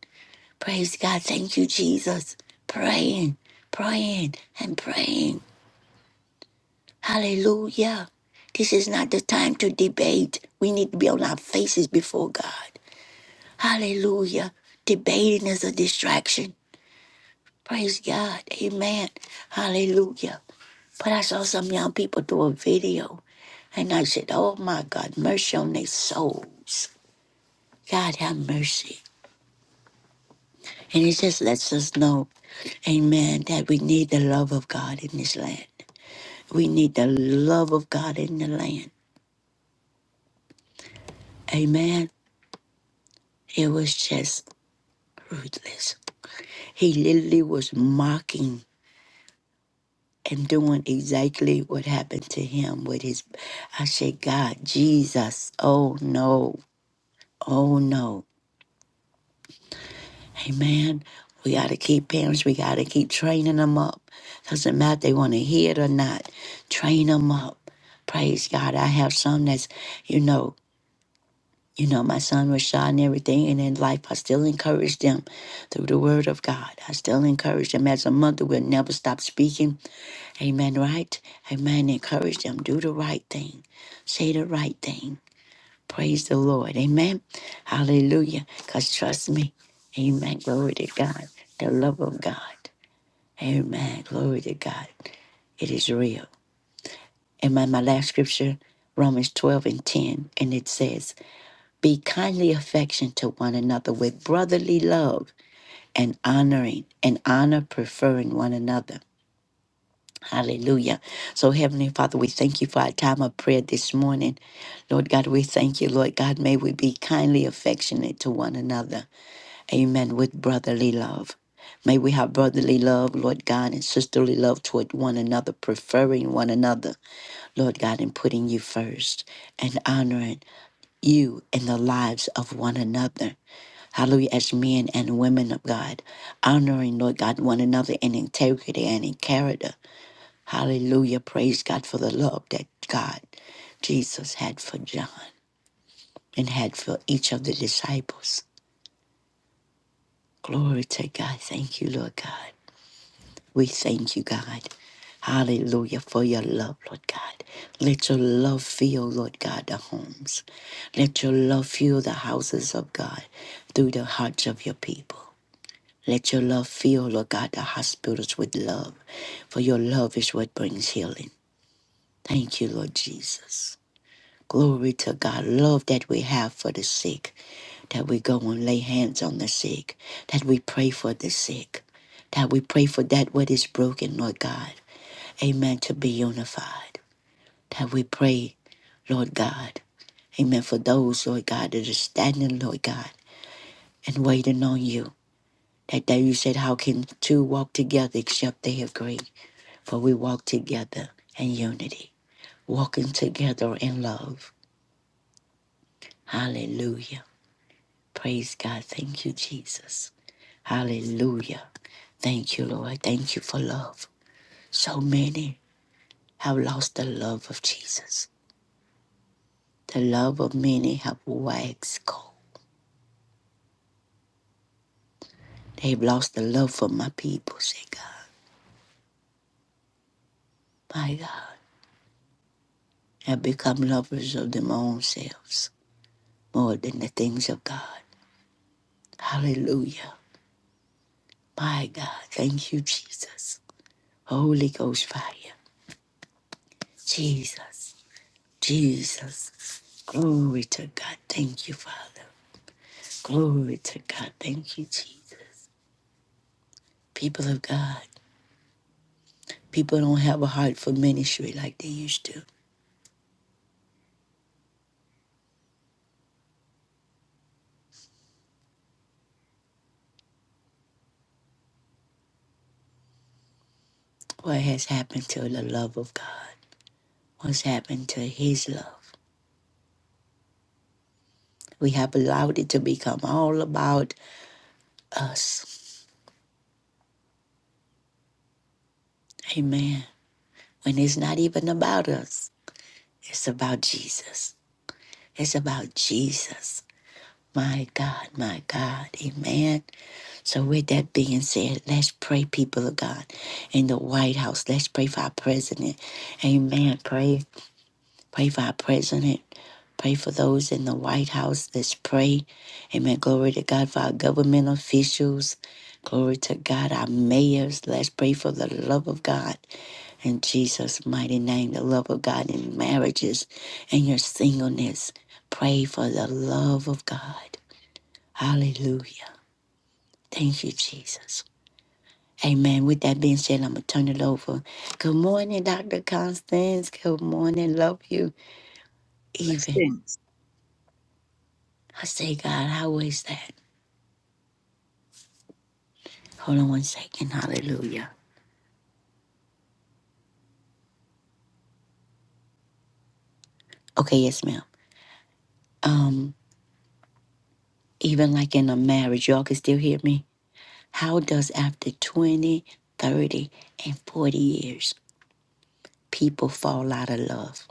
Speaker 2: Praise God. Thank you, Jesus. Praying, praying, and praying. Hallelujah. This is not the time to debate. We need to be on our faces before God. Hallelujah. Debating is a distraction. Praise God. Amen. Hallelujah. But I saw some young people do a video and I said, Oh my God, mercy on their souls. God have mercy. And it just lets us know, amen, that we need the love of God in this land. We need the love of God in the land. Amen. It was just ruthless. He literally was mocking and doing exactly what happened to him with his I say, God, Jesus, oh no, oh no. Amen. We got to keep parents, we got to keep training them up. Doesn't matter if they want to hear it or not, train them up. Praise God. I have some that's, you know, you know, my son was shot and everything, and in life, I still encourage them through the word of God. I still encourage them as a mother, we'll never stop speaking. Amen, right? Amen. Encourage them, do the right thing, say the right thing. Praise the Lord. Amen. Hallelujah. Because trust me, amen. Glory to God. The love of God. Amen. Glory to God. It is real. Amen. My last scripture, Romans 12 and 10, and it says, be kindly affectionate to one another with brotherly love and honoring and honor preferring one another. Hallelujah. So, Heavenly Father, we thank you for our time of prayer this morning. Lord God, we thank you, Lord God. May we be kindly affectionate to one another. Amen. With brotherly love. May we have brotherly love, Lord God, and sisterly love toward one another, preferring one another, Lord God, and putting you first and honoring you in the lives of one another. Hallelujah, as men and women of God, honoring, Lord God, one another in integrity and in character. Hallelujah, praise God for the love that God, Jesus, had for John and had for each of the disciples. Glory to God. Thank you, Lord God. We thank you, God. Hallelujah for your love, Lord God. Let your love fill, Lord God, the homes. Let your love fill the houses of God through the hearts of your people. Let your love fill, Lord God, the hospitals with love, for your love is what brings healing. Thank you, Lord Jesus. Glory to God. Love that we have for the sick, that we go and lay hands on the sick, that we pray for the sick, that we pray for that what is broken, Lord God. Amen. To be unified. That we pray, Lord God. Amen. For those, Lord God, that are standing, Lord God, and waiting on you. That day you said, How can two walk together except they agree? For we walk together in unity, walking together in love. Hallelujah. Praise God. Thank you, Jesus. Hallelujah. Thank you, Lord. Thank you for love. So many have lost the love of Jesus. The love of many have waxed cold. They've lost the love for my people, say God. My God, have become lovers of their own selves more than the things of God. Hallelujah. My God, thank you, Jesus. Holy Ghost fire. Jesus, Jesus. Glory to God. Thank you, Father. Glory to God. Thank you, Jesus. People of God, people don't have a heart for ministry like they used to. What has happened to the love of God? What's happened to His love? We have allowed it to become all about us. Amen. When it's not even about us, it's about Jesus. It's about Jesus. My God, my God. Amen. So, with that being said, let's pray, people of God, in the White House. Let's pray for our president. Amen. Pray Pray for our president. Pray for those in the White House. Let's pray. Amen. Glory to God for our government officials. Glory to God, our mayors. Let's pray for the love of God in Jesus' mighty name, the love of God in marriages and your singleness. Pray for the love of God. Hallelujah. Thank you, Jesus. Amen. With that being said, I'm going to turn it over. Good morning, Dr. Constance. Good morning. Love you, even.
Speaker 3: Blessings.
Speaker 2: I say, God, how is that? Hold on one second. Hallelujah. Okay, yes, ma'am. Um, even like in a marriage, y'all can still hear me. How does after 20, 30, and 40 years, people fall out of love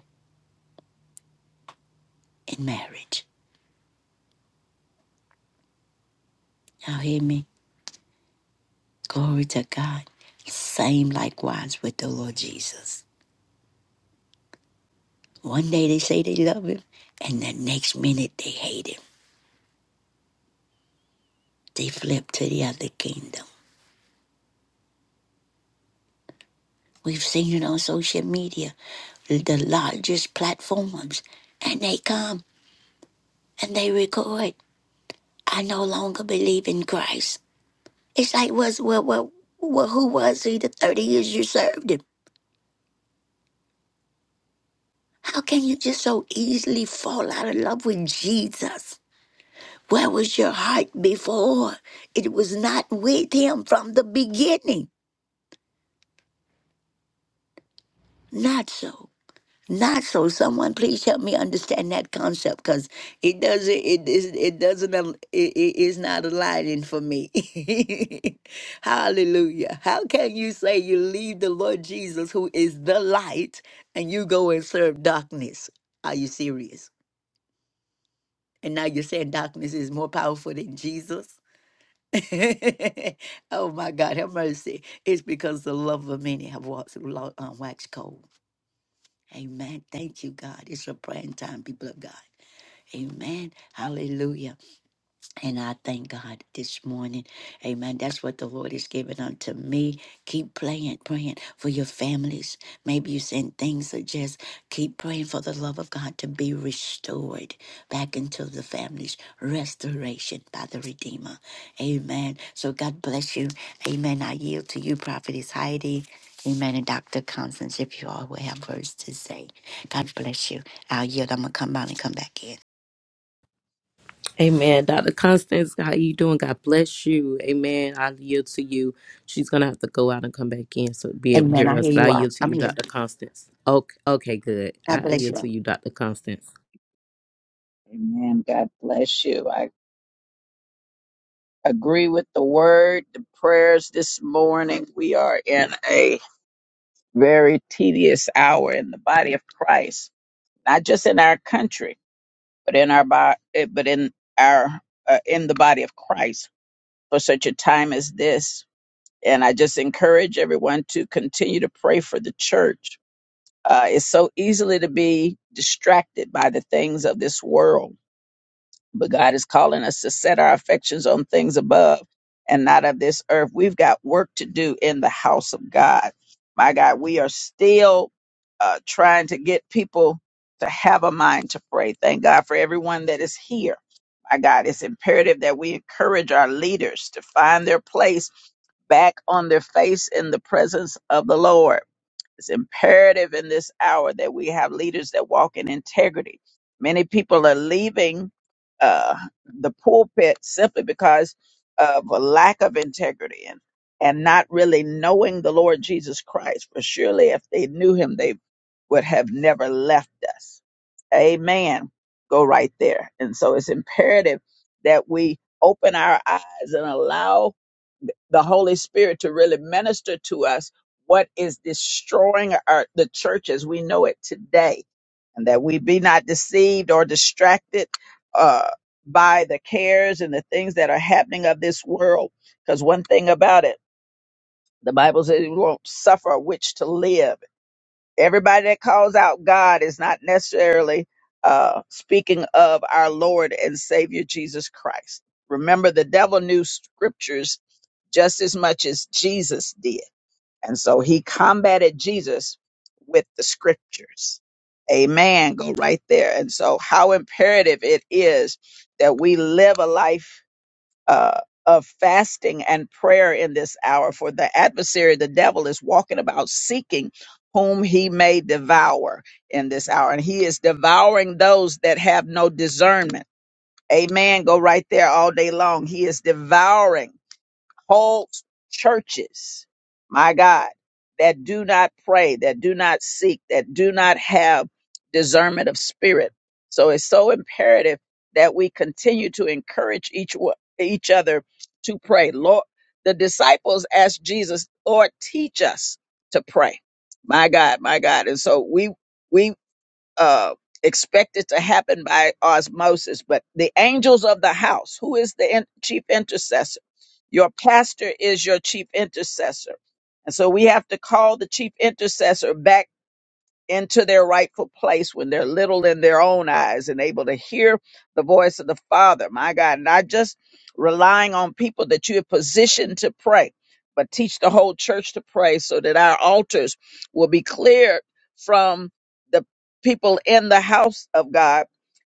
Speaker 2: in marriage? Y'all hear me? Glory to God. Same likewise with the Lord Jesus. One day they say they love him, and the next minute they hate him. They flip to the other kingdom. We've seen it on social media, the largest platforms, and they come and they record. I no longer believe in Christ. It's like, was well, well, well, who was he the 30 years you served him? How can you just so easily fall out of love with Jesus? Where was your heart before? It was not with him from the beginning. Not so. Not so. Someone please help me understand that concept because it doesn't. It is. It doesn't. al- It, it is not aligning for me. Hallelujah. How can you say you leave the Lord Jesus, who is the light, and you go and serve darkness? Are you serious? And now you're saying darkness is more powerful than Jesus? oh my God, have mercy. It's because the love of many have walked, lo- uh, waxed cold. Amen. Thank you, God. It's your praying time, people of God. Amen. Hallelujah. And I thank God this morning. Amen. That's what the Lord is giving unto me. Keep praying, praying for your families. Maybe you're saying things that just keep praying for the love of God to be restored back into the families. Restoration by the Redeemer. Amen. So God bless you. Amen. I yield to you, Prophetess Heidi. Amen. And Dr. Constance, if you all will have words to say, God bless you. I'll yield. I'm going to come out and come back in.
Speaker 1: Amen. Dr. Constance, how you doing? God bless you. Amen. I yield to you. She's gonna have to go out and come back in so be able to
Speaker 2: Amen.
Speaker 1: hear
Speaker 2: I
Speaker 1: us.
Speaker 2: hear
Speaker 1: But I
Speaker 2: you all.
Speaker 1: yield to
Speaker 2: I'm
Speaker 1: you,
Speaker 2: here.
Speaker 1: Dr. Constance. Okay, okay, good.
Speaker 2: God
Speaker 1: I
Speaker 2: bless
Speaker 1: yield
Speaker 2: you.
Speaker 1: to
Speaker 2: all.
Speaker 1: you, Dr. Constance.
Speaker 3: Amen. God bless you. I agree with the word, the prayers this morning. We are in a very tedious hour in the body of Christ, not just in our country, but in our bo- eh, but in our uh, in the body of Christ for such a time as this. And I just encourage everyone to continue to pray for the church. Uh, it's so easily to be distracted by the things of this world but God is calling us to set our affections on things above and not of this earth. We've got work to do in the house of God. My God, we are still uh, trying to get people to have a mind to pray. Thank God for everyone that is here. My God, it's imperative that we encourage our leaders to find their place back on their face in the presence of the Lord it's imperative in this hour that we have leaders that walk in integrity. Many people are leaving uh, the pulpit simply because of a lack of integrity and, and not really knowing the Lord Jesus Christ. For surely if they knew him, they would have never left us. Amen. Go right there. And so it's imperative that we open our eyes and allow the Holy Spirit to really minister to us what is destroying our, the church as we know it today, and that we be not deceived or distracted uh, by the cares and the things that are happening of this world. Because one thing about it, the Bible says we won't suffer a witch to live. Everybody that calls out God is not necessarily uh, speaking of our Lord and Savior Jesus Christ. Remember, the devil knew scriptures just as much as Jesus did. And so he combated Jesus with the scriptures. Amen. Go right there. And so, how imperative it is that we live a life uh, of fasting and prayer in this hour, for the adversary, the devil, is walking about seeking whom he may devour in this hour. And he is devouring those that have no discernment. Amen. Go right there all day long. He is devouring cult churches, my God, that do not pray, that do not seek, that do not have discernment of spirit. So it's so imperative that we continue to encourage each wo- each other to pray. Lord, the disciples asked Jesus, "Lord, teach us to pray." My God, my God, and so we we uh, expect it to happen by osmosis. But the angels of the house, who is the in- chief intercessor? Your pastor is your chief intercessor. And so we have to call the chief intercessor back into their rightful place when they're little in their own eyes and able to hear the voice of the Father. My God, not just relying on people that you have positioned to pray, but teach the whole church to pray so that our altars will be cleared from the people in the house of God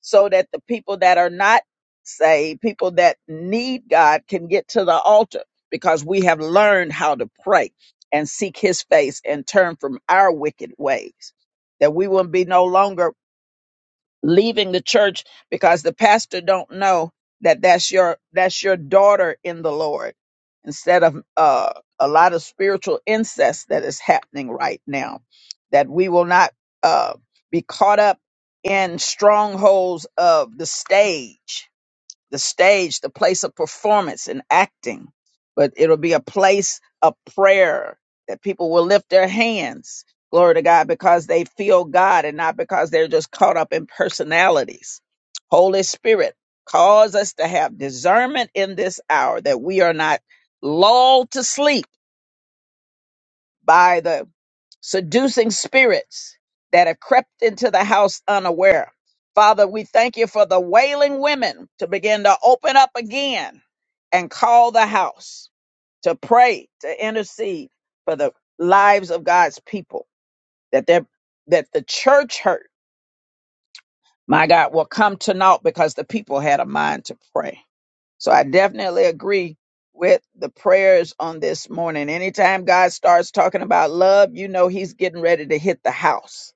Speaker 3: so that the people that are not saved, people that need God, can get to the altar because we have learned how to pray and seek his face and turn from our wicked ways. That we will be no longer leaving the church because the pastor don't know that that's your that's your daughter in the Lord instead of uh, a lot of spiritual incest that is happening right now that we will not uh, be caught up in strongholds of the stage the stage, the place of performance and acting, but it'll be a place of prayer that people will lift their hands, glory to God, because they feel God and not because they're just caught up in personalities. Holy Spirit, cause us to have discernment in this hour that we are not lulled to sleep by the seducing spirits that have crept into the house unaware. Father, we thank you for the wailing women to begin to open up again and call the house to pray, to intercede for the lives of God's people, that they're- that the church hurt, my God, will come to naught because the people had a mind to pray. So I definitely agree with the prayers on this morning. Anytime God starts talking about love, you know he's getting ready to hit the house.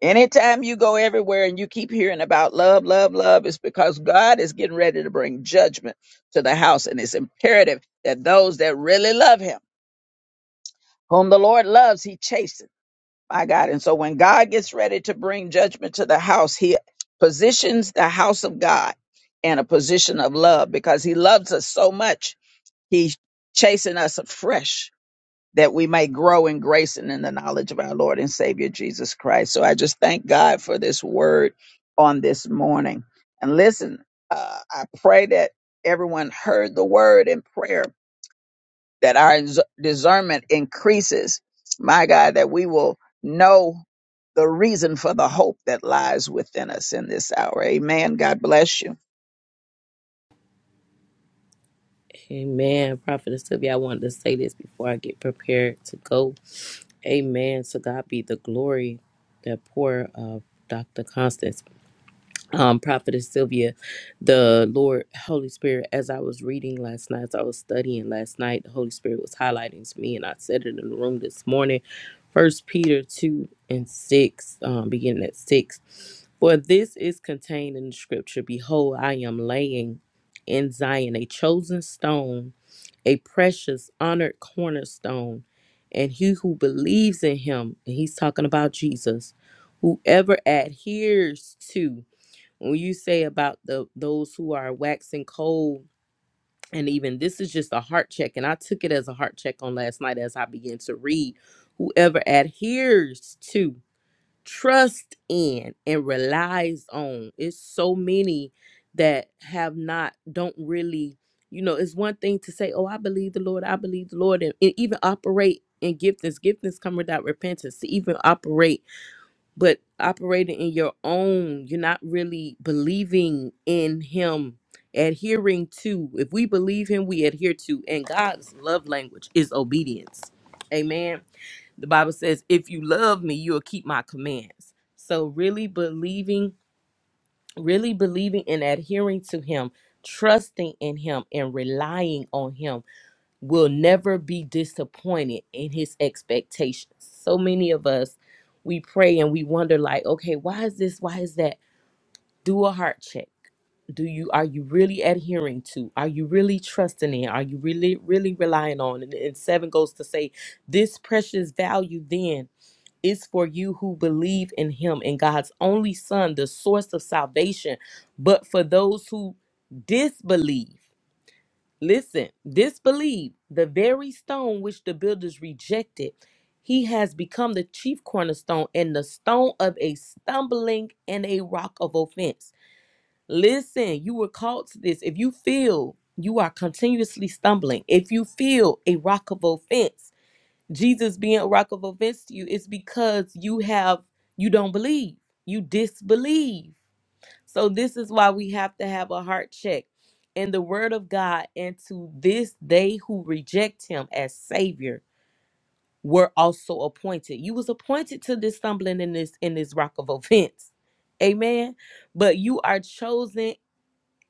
Speaker 3: Anytime you go everywhere and you keep hearing about love, love, love, it's because God is getting ready to bring judgment to the house. And it's imperative that those that really love him, whom the Lord loves, he chastens. My God. And so when God gets ready to bring judgment to the house, he positions the house of God in a position of love because he loves us so much He's chasing us afresh that we may grow in grace and in the knowledge of our Lord and Savior Jesus Christ. So I just thank God for this word on this morning. And listen, uh, I pray that everyone heard the word in prayer, that our dis- discernment increases. My God, that we will know the reason for the hope that lies within us in this hour. Amen. God bless you.
Speaker 1: Amen. Prophetess Sylvia, I wanted to say this before I get prepared to go. Amen. So God be the glory. The poor of Dr. Constance, um, Prophetess Sylvia, the Lord, Holy Spirit, as I was reading last night, as I was studying last night, the Holy Spirit was highlighting to me, and I said it in the room this morning. First Peter 2 and 6, um, beginning at 6. For this is contained in the scripture Behold, I am laying in Zion a chosen stone a precious, honored cornerstone. And he who believes in him, and he's talking about Jesus, whoever adheres to, when you say about the those who are waxing cold, and even this is just a heart check, and I took it as a heart check on last night as I began to read. Whoever adheres to trust in and relies on. It's so many that have not, don't really, you know, it's one thing to say, oh, I believe the Lord, I believe the Lord, and, and even operate in giftings. Giftings come without repentance to even operate, but operating in your own, you're not really believing in Him. Adhering to, if we believe him, we adhere to, and God's love language is obedience. Amen. The Bible says, if you love me, you'll keep my commands. So, really believing, really believing and adhering to him, trusting in him, and relying on him will never be disappointed in his expectations. So many of us, we pray and we wonder, like, okay, why is this? Why is that? Do a heart check. Do you are you really adhering to? Are you really trusting in? Are you really really relying on? And, and seven goes to say, this precious value then is for you who believe in him and God's only son, the source of salvation. But for those who disbelieve, listen, disbelieve, the very stone which the builders rejected, he has become the chief cornerstone and the stone of a stumbling and a rock of offense. Listen, you were called to this. If you feel you are continuously stumbling, if you feel a rock of offense, Jesus being a rock of offense to you, it's because you have you don't believe. You disbelieve. So this is why we have to have a heart check in the word of God and to this they who reject him as savior were also appointed. You was appointed to this stumbling in this in this rock of offense. Amen. But you are chosen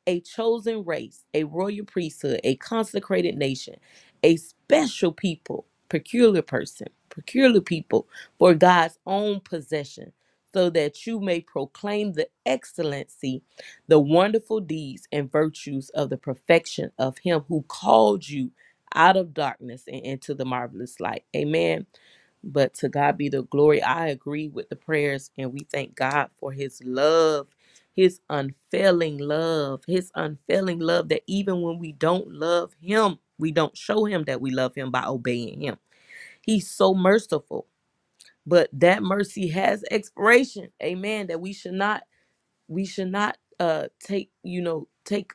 Speaker 1: a chosen race, a royal priesthood, a consecrated nation, a special people, peculiar person, peculiar people for God's own possession, so that you may proclaim the excellency, the wonderful deeds and virtues of the perfection of Him who called you out of darkness and into the marvelous light. Amen. But to God be the glory. I agree with the prayers and we thank God for his love, his unfailing love, his unfailing love that even when we don't love him, we don't show him that we love him by obeying him. He's so merciful, but that mercy has expiration. Amen. That we should not we should not uh take, you know, take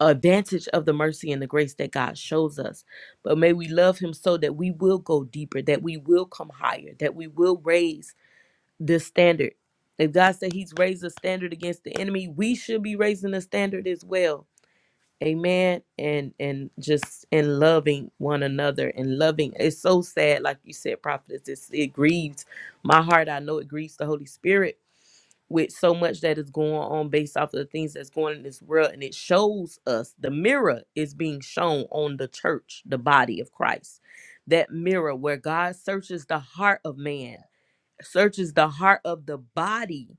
Speaker 1: advantage of the mercy and the grace that God shows us. But may we love Him so that we will go deeper, that we will come higher, that we will raise this standard. If God said He's raised a standard against the enemy, we should be raising a standard as well. Amen. And and just in loving one another and loving. It's so sad, like you said, prophetess. It's, it grieves my heart. I know it grieves the Holy Spirit with so much that is going on based off of the things that's going in this world and it shows us the mirror is being shown on the church the body of christ that mirror where god searches the heart of man searches the heart of the body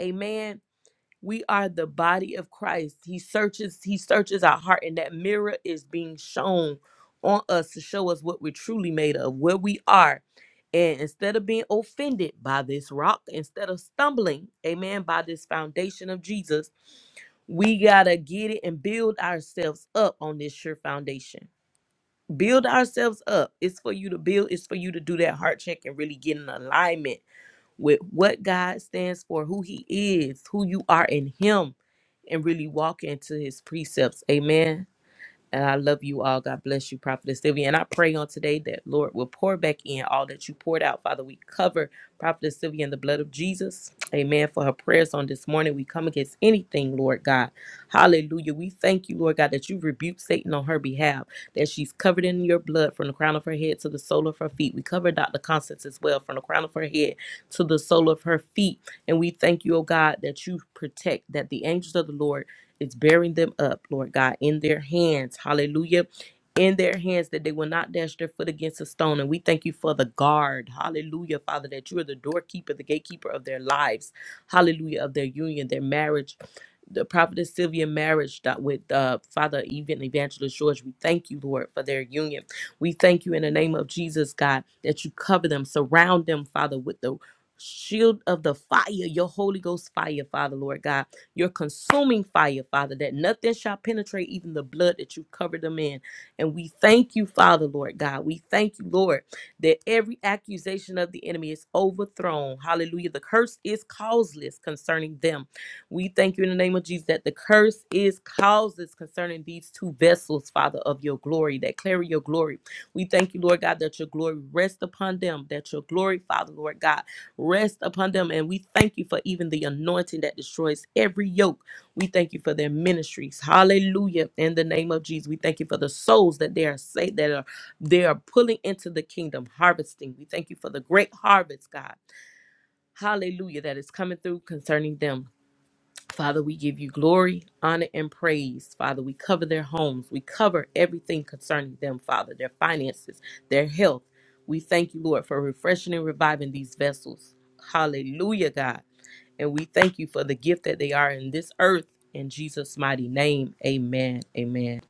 Speaker 1: amen we are the body of Christ. He searches, he searches our heart, and that mirror is being shown on us to show us what we're truly made of, where we are. And instead of being offended by this rock, instead of stumbling, amen, by this foundation of Jesus, we gotta get it and build ourselves up on this sure foundation. Build ourselves up. It's for you to build, it's for you to do that heart check and really get in alignment with what God stands for, who He is, who you are in Him, and really walk into His precepts. Amen. And I love you all. God bless you, Prophetess Sylvia. And I pray on today that Lord will pour back in all that you poured out. Father, we cover Prophetess Sylvia in the blood of Jesus. Amen. For her prayers on this morning, we come against anything, Lord God. Hallelujah. We thank you, Lord God, that you rebuked Satan on her behalf, that she's covered in your blood from the crown of her head to the sole of her feet. We cover Dr. Constance as well from the crown of her head to the sole of her feet. And we thank you, oh God, that you protect, that the angels of the Lord it's bearing them up, Lord God, in their hands. Hallelujah. In their hands, that they will not dash their foot against a stone. And we thank you for the guard. Hallelujah, Father, that you are the doorkeeper, the gatekeeper of their lives. Hallelujah, of their union, their marriage. The prophetess Sylvia marriage that with uh, Father even Evangelist George, we thank you, Lord, for their union. We thank you in the name of Jesus, God, that you cover them, surround them, Father, with the shield of the fire, your Holy Ghost fire, Father, Lord God your consuming fire, Father, that nothing shall penetrate even the blood that you covered them in. And we thank you, Father, Lord God. We thank you, Lord, that every accusation of the enemy is overthrown. Hallelujah. The curse is causeless concerning them. We thank you in the name of Jesus that the curse is causeless concerning these two vessels, Father, of your glory, that carry your glory. We thank you, Lord God, that your glory rests upon them, that your glory, Father, Lord God rest upon them. And we thank you for even the anointing that destroys every yoke. We thank you for their ministries. Hallelujah. In the name of Jesus, we thank you for the souls that they are saved, that are they are pulling into the kingdom, harvesting. We thank you for the great harvest, God. Hallelujah, that is coming through concerning them. Father, we give you glory, honor, and praise. Father, we cover their homes. We cover everything concerning them, Father, their finances, their health. We thank you, Lord, for refreshing and reviving these vessels. Hallelujah, God. And we thank you for the gift that they are in this earth. In Jesus' mighty name, amen. Amen.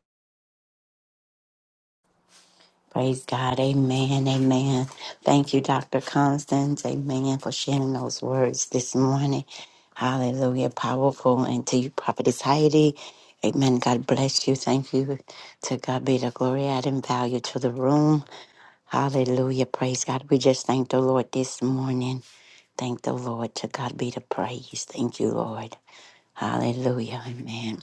Speaker 2: Praise God. Amen. Amen. Thank you, Dr. Constance. Amen. For sharing those words this morning. Hallelujah. Powerful. And to you, Prophetess Heidi. Amen. God bless you. Thank you. To God be the glory, add and value to the room. Hallelujah. Praise God. We just thank the Lord this morning. Thank the Lord. To God be the praise. Thank you, Lord. Hallelujah. Amen.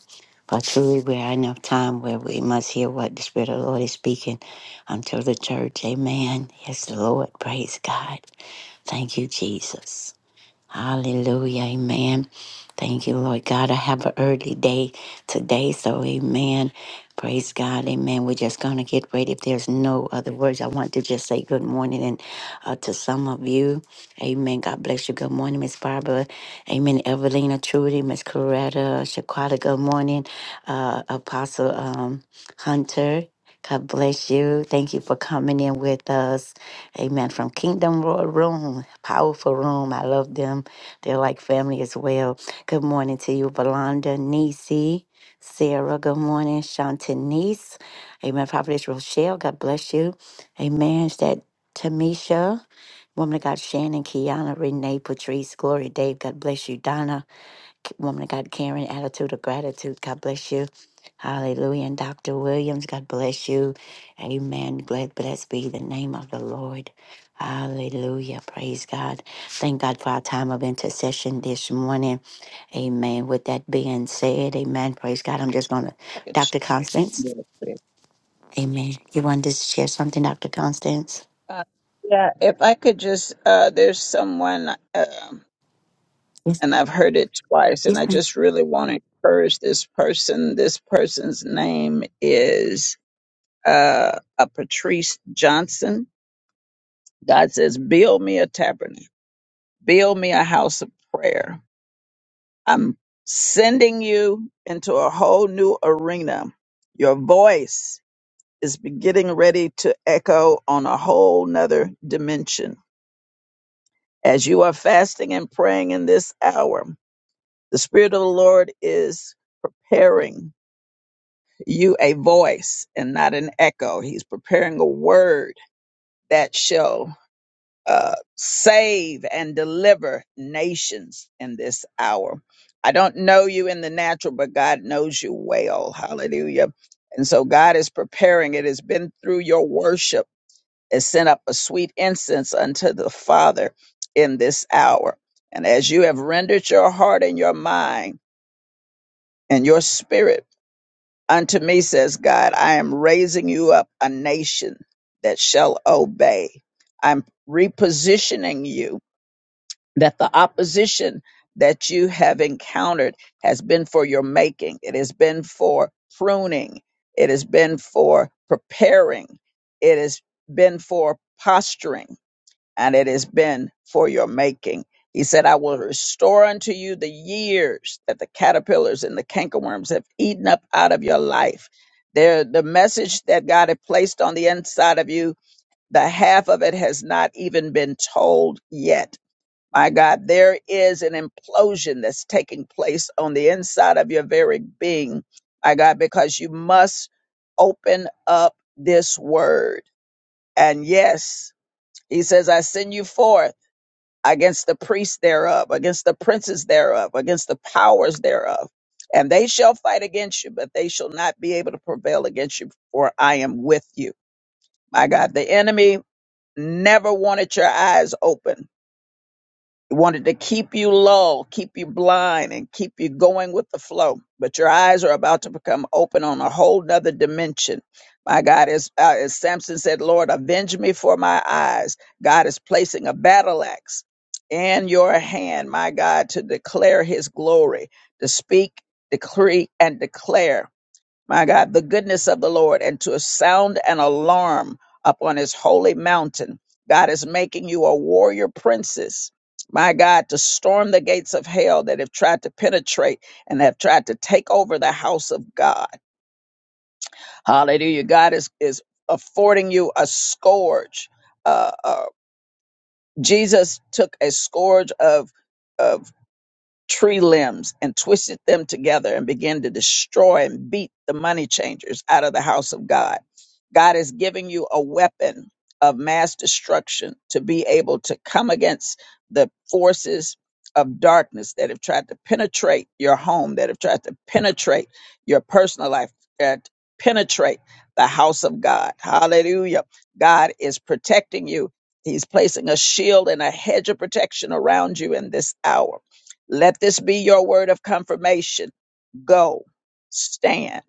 Speaker 2: For truly we are in a time where we must hear what the Spirit of the Lord is speaking unto the church. Amen. Yes, Lord. Praise God. Thank you, Jesus. Hallelujah. Amen. Thank you, Lord God. I have an early day today, so amen. Praise God. Amen. We're just going to get ready. If there's no other words, I want to just say good morning and uh, to some of you. Amen. God bless you. Good morning, Miss Barbara. Amen. Evelina, Trudy, Miss Coretta, Shaquata. Good morning, uh, Apostle um, Hunter. God bless you. Thank you for coming in with us. Amen. From Kingdom Royal Room, powerful room. I love them. They're like family as well. Good morning to you, Valanda, Nisi, Sarah. Good morning, Shantanice. Amen. Prophetess Rochelle, God bless you. Amen. Is that Tamisha? Woman of God, Shannon, Kiana, Renee, Patrice, Gloria, Dave, God bless you. Donna, woman of God, Karen, attitude of gratitude. God bless you. Hallelujah. And Dr. Williams, God bless you. Amen. Glad blessed be the name of the Lord. Hallelujah. Praise God. Thank God for our time of intercession this morning. Amen. With that being said, amen. Praise God. I'm just going to, Dr. Constance. Amen. You wanted to share something, Dr. Constance?
Speaker 3: Uh, yeah, if I could just, uh, there's someone, um,
Speaker 2: Yes.
Speaker 3: and I've heard it twice, and
Speaker 2: Yes,
Speaker 3: I
Speaker 2: ma'am.
Speaker 3: just really want to encourage this person. This person's name is uh, a Patrice Johnson. God says, Build me a tabernacle, build me a house of prayer. I'm sending you into a whole new arena. Your voice is be- getting ready to echo on a whole nother dimension As you are fasting and praying in this hour, the Spirit of the Lord is preparing you a voice and not an echo. He's preparing a word that shall uh, save and deliver nations in this hour. I don't know you in the natural, but God knows you well. Hallelujah. And so God is preparing. It has been through your worship and send up a sweet incense unto the Father in this hour. And as you have rendered your heart and your mind and your spirit unto me, says God, I am raising you up a nation that shall obey. I'm repositioning you that the opposition that you have encountered has been for your making, it has been for pruning, it has been for preparing, it has been for posturing and it has been for your making. He said, I will restore unto you the years that the caterpillars and the cankerworms have eaten up out of your life. There, the message that God had placed on the inside of you, the half of it has not even been told yet. My God, there is an implosion that's taking place on the inside of your very being. My God, because you must open up this word. And yes, he says, I send you forth against the priests thereof, against the princes thereof, against the powers thereof. And they shall fight against you, but they shall not be able to prevail against you, for I am with you. My God, the enemy never wanted your eyes open it wanted to keep you low, keep you blind, and keep you going with the flow. But your eyes are about to become open on a whole nother dimension. My God, as, uh, as Samson said, Lord, avenge me for my eyes. God is placing a battle axe in your hand, my God, to declare his glory, to speak, decree, and declare my God, the goodness of the Lord and to sound an alarm upon his holy mountain. God is making you a warrior princess. My God, to storm the gates of hell that have tried to penetrate and have tried to take over the house of God. Hallelujah. God is, is affording you a scourge. Uh, uh, Jesus took a scourge of, of tree limbs and twisted them together and began to destroy and beat the money changers out of the house of God. God is giving you a weapon of mass destruction to be able to come against the forces of darkness that have tried to penetrate your home, that have tried to penetrate your personal life, that penetrate the house of God. Hallelujah. God is protecting you. He's placing a shield and a hedge of protection around you in this hour let this be your word of confirmation. Go, stand,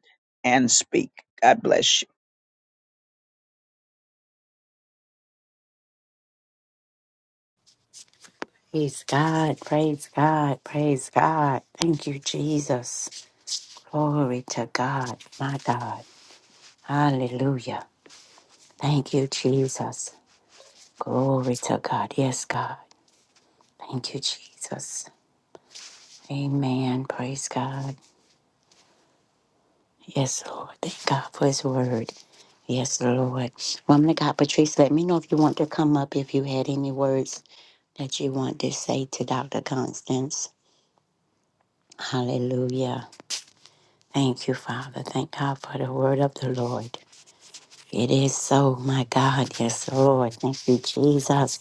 Speaker 3: and speak. God bless you.
Speaker 2: Praise God. Praise God. Praise God. Thank you, Jesus. Glory to God, my God. Hallelujah. Thank you, Jesus. Glory to God. Yes, God. Thank you, Jesus. Amen. Praise God. Yes, Lord. Thank God for His word. Yes, Lord. Woman of God, Patrice, let me know if you want to come up, if you had any words that you want to say to Dr. Constance. Hallelujah. Thank you, Father. Thank God for the word of the Lord. It is so, my God. Yes, Lord. Thank you, Jesus.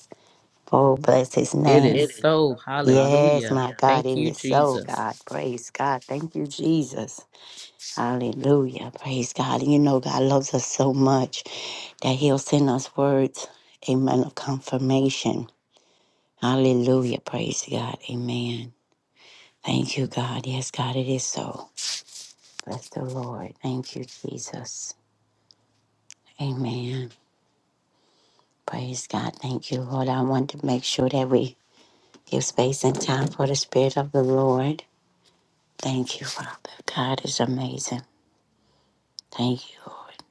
Speaker 2: Oh, bless his
Speaker 1: It
Speaker 2: name.
Speaker 1: is so.
Speaker 2: Yes,
Speaker 1: Hallelujah.
Speaker 2: my Hallelujah. God,
Speaker 1: Thank
Speaker 2: it
Speaker 1: you,
Speaker 2: is so,
Speaker 1: Jesus.
Speaker 2: God. Praise God. Thank you, Jesus. Hallelujah. Praise God. And You know, God loves us so much that He'll send us words, amen, of confirmation. Hallelujah. Praise God. Amen. Thank you, God. Yes, God, it is so. Bless the Lord. Thank you, Jesus. Amen. Praise God. Thank you, Lord. I want to make sure that we give space and time for the Spirit of the Lord. Thank you, Father. God is amazing. Thank you, Lord.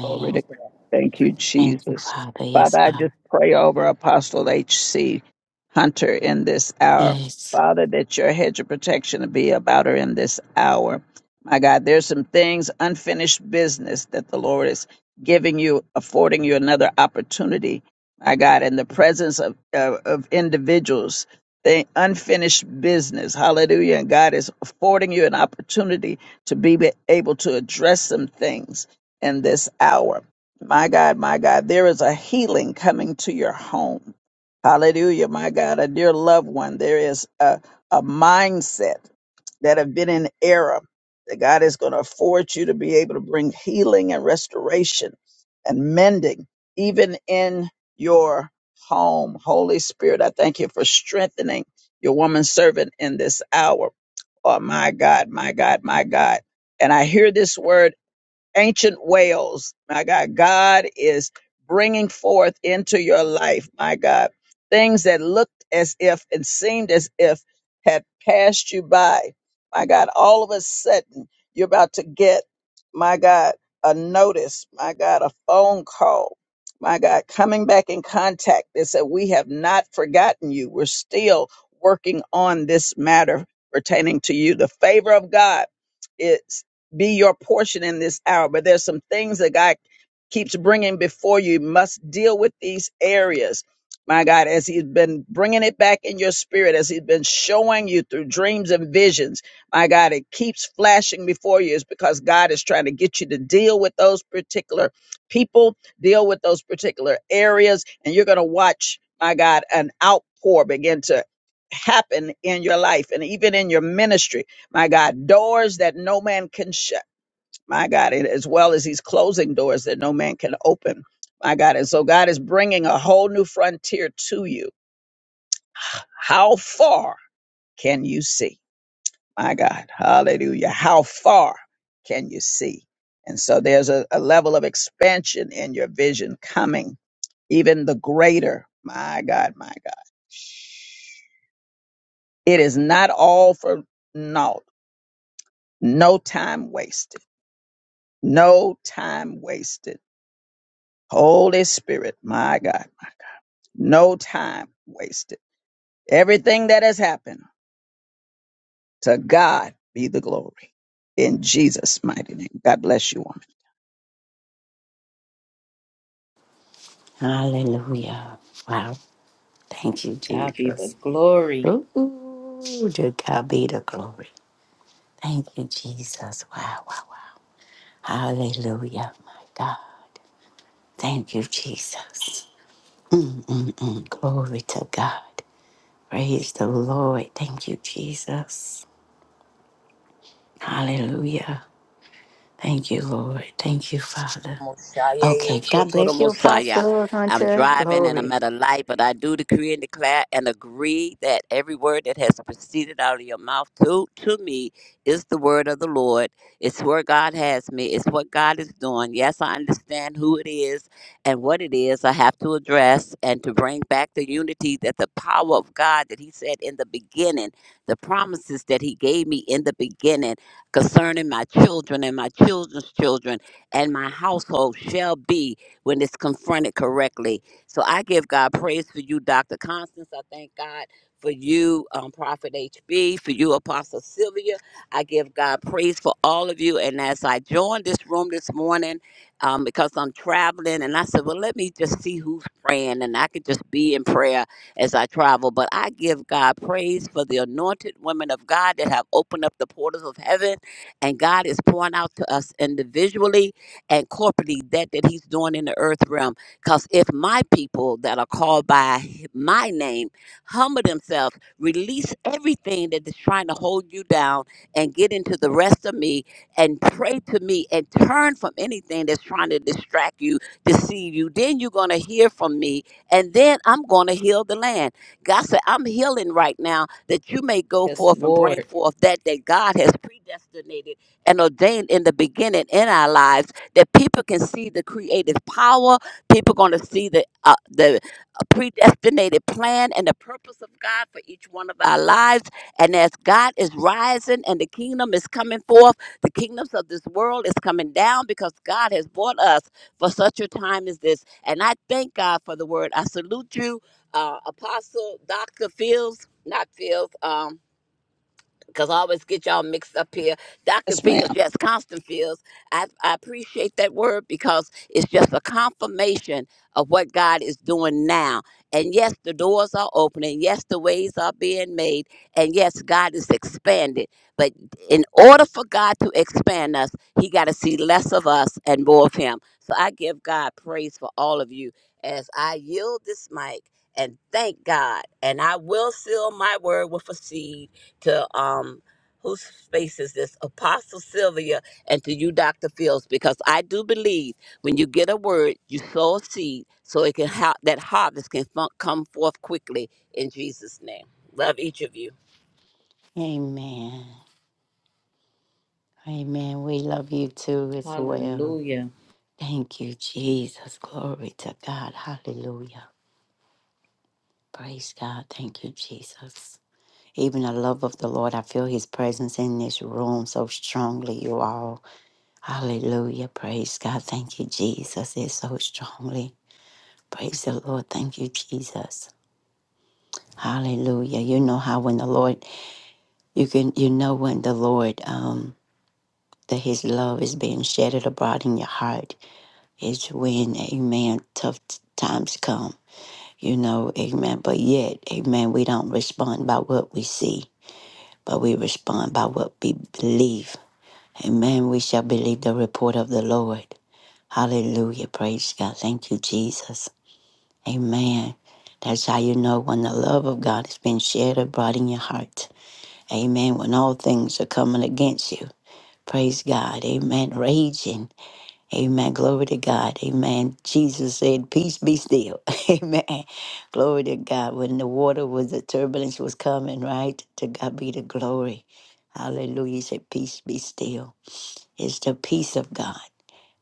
Speaker 3: Glory to God. Thank you,
Speaker 2: Thank you,
Speaker 3: Jesus.
Speaker 2: Father. Yes,
Speaker 3: Father, I
Speaker 2: God.
Speaker 3: just pray over Apostle H.C. Hunter in this hour.
Speaker 2: Yes.
Speaker 3: Father, that your hedge of protection will be about her in this hour. My God, there's some things, unfinished business that the Lord is giving you, affording you another opportunity. My God, in the presence of, of, of individuals, the unfinished business. Hallelujah. And God is affording you an opportunity to be able to address some things in this hour. My God, my God, there is a healing coming to your home. Hallelujah, my God, a dear loved one. There is a, a mindset that have been in error that God is going to afford you to be able to bring healing and restoration and mending, even in your home. Holy Spirit, I thank you for strengthening your woman servant in this hour. Oh, my God, my God, my God. And I hear this word ancient Wales. My God, God is bringing forth into your life, my God, things that looked as if and seemed as if had passed you by. My God, all of a sudden, you're about to get, my God, a notice, my God, a phone call. My God, coming back in contact that said, We have not forgotten you. We're still working on this matter pertaining to you. The favor of God is be your portion in this hour. But there's some things that God keeps bringing before you. You must deal with these areas. My God, as he's been bringing it back in your spirit, as he's been showing you through dreams and visions, my God, it keeps flashing before you. It's because God is trying to get you to deal with those particular people, deal with those particular areas, and you're going to watch, my God, an outpour begin to happen in your life and even in your ministry my God, doors that no man can shut, my God, and as well as He's closing doors that no man can open, my God. And so God is bringing a whole new frontier to you. How far can you see, my God? Hallelujah. How far can you see? And so there's a, a level of expansion in your vision coming, even the greater, my God, my God. It is not all for naught, no time wasted. No time wasted. Holy Spirit, my God, no time wasted. Everything that has happened, to God be the glory. In Jesus' mighty name. God bless you, woman.
Speaker 2: Hallelujah. Wow. Thank you,
Speaker 1: God be the
Speaker 2: Jesus.
Speaker 1: glory.
Speaker 2: Ooh, to God be the glory. Thank you, Jesus. Wow, wow, wow. Hallelujah, my God. Thank you, Jesus. Mm, mm, mm. Glory to God. Praise the Lord. Thank you, Jesus. Hallelujah. Thank you, Lord. Thank you, Father.
Speaker 4: Mosiah,
Speaker 2: Okay. God
Speaker 4: Kotoro
Speaker 2: bless you,
Speaker 4: Mosiah.
Speaker 2: Apostle
Speaker 4: I'm
Speaker 2: Hunter.
Speaker 4: driving and I'm
Speaker 2: Glory.
Speaker 4: at a light, but I do decree and declare and agree that every word that has proceeded out of your mouth to, to me is the word of the Lord. It's where God has me, it's what God is doing. Yes, I understand who it is and what it is I have to address and to bring back the unity that the power of God that He said in the beginning, the promises that He gave me in the beginning concerning my children and my children's children and my household shall be when it's confronted correctly. So I give God praise for you, Dr. Constance. I thank God for you, um, Prophet HB, for you, Apostle Sylvia. I give God praise for all of you. And as I joined this room this morning, um, because I'm traveling, and I said, well, let me just see who's praying, and I could just be in prayer as I travel. But I give God praise for the anointed women of God that have opened up the portals of heaven, and God is pouring out to us individually and corporately that that he's doing in the earth realm because if my people that are called by my name humble themselves release everything that is trying to hold you down and get into the rest of me and pray to me and turn from anything that's trying to distract you deceive you then you're going to hear from me and then i'm going to heal the land god said i'm healing right now that you may go
Speaker 1: Yes,
Speaker 4: forth and bring
Speaker 1: Lord.
Speaker 4: forth that that god has predestinated and ordained in the beginning in our lives that people can see the creative power. People going to see the uh, the predestinated plan and the purpose of God for each one of our lives. And as God is rising and the kingdom is coming forth, the kingdoms of this world is coming down because God has brought us for such a time as this. And I thank God for the word. I salute you, uh, Apostle Dr. Fields, not Fields. Um because I always get y'all mixed up here. Dr.
Speaker 3: Yes,
Speaker 4: Fields,
Speaker 3: ma'am.
Speaker 4: yes, Constant Fields. I, I appreciate that word because it's just a confirmation of what God is doing now. And yes, the doors are opening. Yes, the ways are being made. And yes, God is expanded. But in order for God to expand us, He got to see less of us and more of Him. So I give God praise for all of you as I yield this mic and thank God. And I will seal my word with a seed to um whose space is this apostle sylvia and to you dr fields because i do believe when you get a word you sow a seed so it can ha- that harvest can fun- come forth quickly in jesus name love each of you
Speaker 2: Amen. Amen. We love you too as well.
Speaker 1: Hallelujah.
Speaker 2: Thank you, Jesus. Glory to God. Hallelujah. Praise God. Thank you, Jesus. Even the love of the Lord, I feel his presence in this room so strongly, you all. Hallelujah. Praise God. Thank you, Jesus. It's so strongly. Praise the Lord. Thank you, Jesus. Hallelujah. You know how when the Lord You can you know when the Lord um that his love is being shedded abroad in your heart is when amen tough t- times come. You know, amen. But yet, amen, we don't respond by what we see, but we respond by what we believe. Amen. We shall believe the report of the Lord. Hallelujah. Praise God. Thank you, Jesus. Amen. That's how you know when the love of God has been shed abroad in your heart. Amen. When all things are coming against you. Praise God. Amen. Raging. Amen. Glory to God. Amen. Jesus said, Peace be still. Amen. Glory to God. When the water was, the turbulence was coming, right? To God be the glory. Hallelujah. He said, Peace be still. It's the peace of God.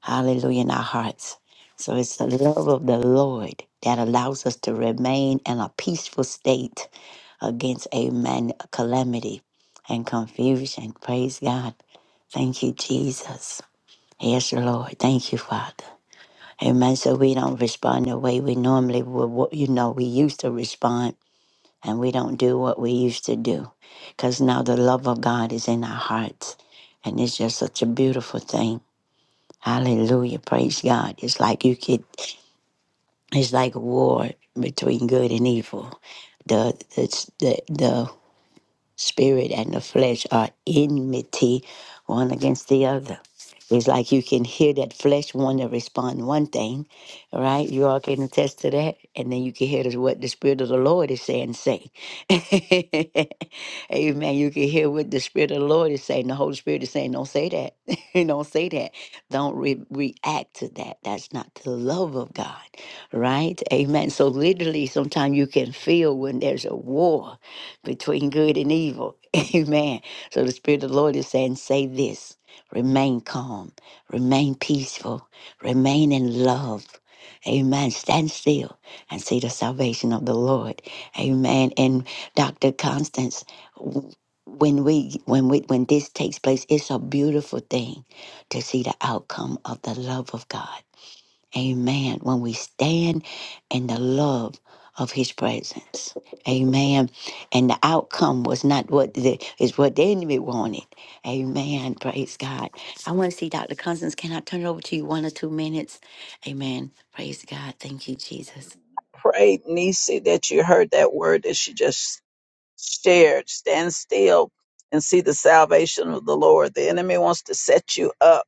Speaker 2: Hallelujah. In our hearts. So it's the love of the Lord that allows us to remain in a peaceful state against, amen, calamity and confusion. Praise God. Thank you, Jesus. Yes, Lord. Thank you, Father. Amen. So we don't respond the way we normally would, what- you know, we used to respond, and we don't do what we used to do. Because now the love of God is in our hearts. And it's just such a beautiful thing. Hallelujah. Praise God. It's like you could, it's like war between good and evil. The, the, the, Spirit and the flesh are enmity one against the other. It's like you can hear that flesh want to respond one thing, all right? You all can attest to that. And then you can hear this, what the Spirit of the Lord is saying, say. Amen. You can hear what the Spirit of the Lord is saying. The Holy Spirit is saying, don't say that. don't say that. Don't re- react to that. That's not the love of God, right? Amen. So literally, sometimes you can feel when there's a war between good and evil. Amen. So the Spirit of the Lord is saying, say this remain calm, remain peaceful, remain in love. Amen. Stand still and see the salvation of the Lord. Amen. And Dr. Constance, w- when we when we when this takes place, it's a beautiful thing to see the outcome of the love of God. Amen. When we stand in the love of his presence. Amen. And the outcome was not what the is what the enemy wanted. Amen. Praise God. I want to see Dr. Constance. Can I turn it over to you one or two minutes? Amen. Praise God. Thank you, Jesus.
Speaker 3: Pray, Nisi, that you heard that word that she just stared, stand still and see the salvation of the Lord. The enemy wants to set you up.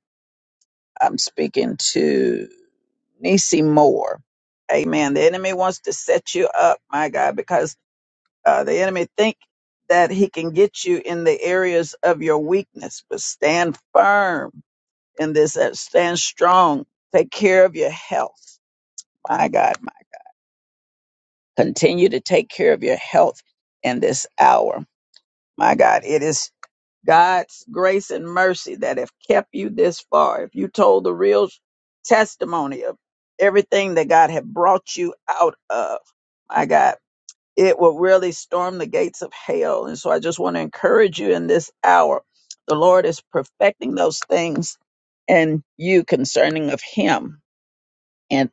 Speaker 3: I'm speaking to Nisi Moore. Amen. The enemy wants to set you up, my God, because uh, the enemy think that he can get you in the areas of your weakness, but stand firm in this, uh, stand strong, take care of your health. My God, my, continue to take care of your health in this hour. My God, it is. God's grace and mercy that have kept you this far. If you told the real testimony of everything that God had brought you out of, my God, it will really storm the gates of hell. And so I just want to encourage you in this hour. The Lord is perfecting those things and you concerning of Him. and.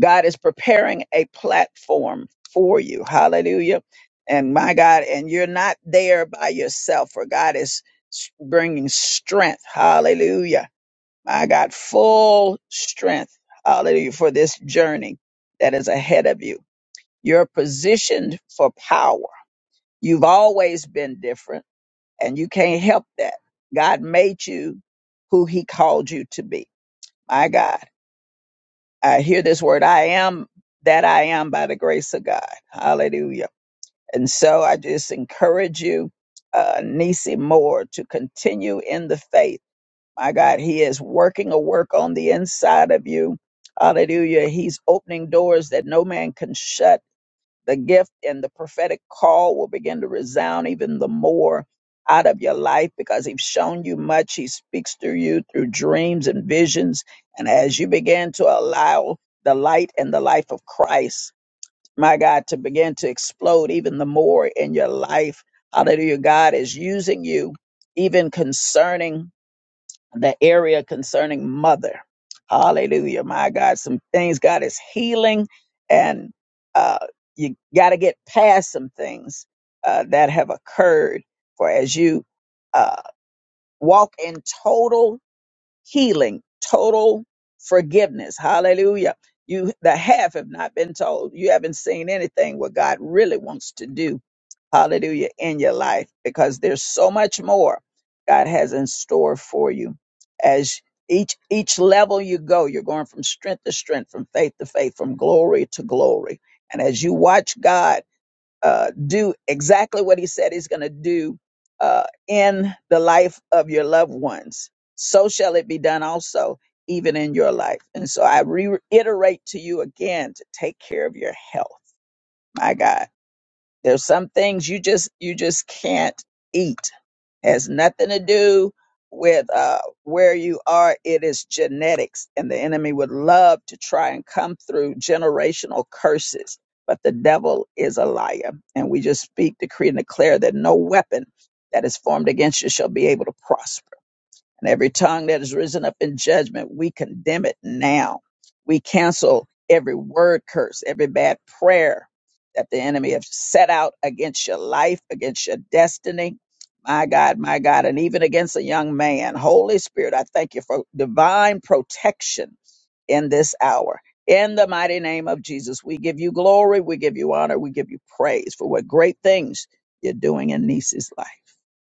Speaker 3: God is preparing a platform for you. Hallelujah. And my God, and you're not there by yourself, for God is s- bringing strength. Hallelujah. My God, full strength. Hallelujah. For this journey that is ahead of you. You're positioned for power. You've always been different, and you can't help that. God made you who He called you to be. My God. I hear this word, I am that I am by the grace of God. Hallelujah. And so I just encourage you, uh, Nisi Moore, to continue in the faith. My God, He is working a work on the inside of you. Hallelujah. He's opening doors that no man can shut the gift and the prophetic call will begin to resound even the more out of your life because he's shown you much. He speaks through you through dreams and visions. And as you begin to allow the light and the life of Christ, my God, to begin to explode even the more in your life, hallelujah, God is using you even concerning the area concerning mother. Hallelujah. My God, some things God is healing and uh, you got to get past some things uh, that have occurred for as you uh, walk in total healing, total forgiveness. Hallelujah. You the half have not been told. You haven't seen anything what God really wants to do. Hallelujah in your life because there's so much more God has in store for you. As each each level you go, you're going from strength to strength, from faith to faith, from glory to glory. And as you watch God uh, do exactly what he said he's going to do uh, in the life of your loved ones. So shall it be done also, even in your life. And so I reiterate to you again to take care of your health. My God. There's some things you just you just can't eat. Has nothing to do with uh, where you are. It is genetics, and the enemy would love to try and come through generational curses. But the devil is a liar, and we just speak, decree, and declare that no weapon that is formed against you shall be able to prosper and every tongue that has risen up in judgment, we condemn it now. We cancel every word curse, every bad prayer that the enemy have set out against your life, against your destiny. My God, my God, and even against a young man. Holy Spirit, I thank you for divine protection in this hour. In the mighty name of Jesus, we give you glory, we give you honor, we give you praise for what great things you're doing in Niece's life.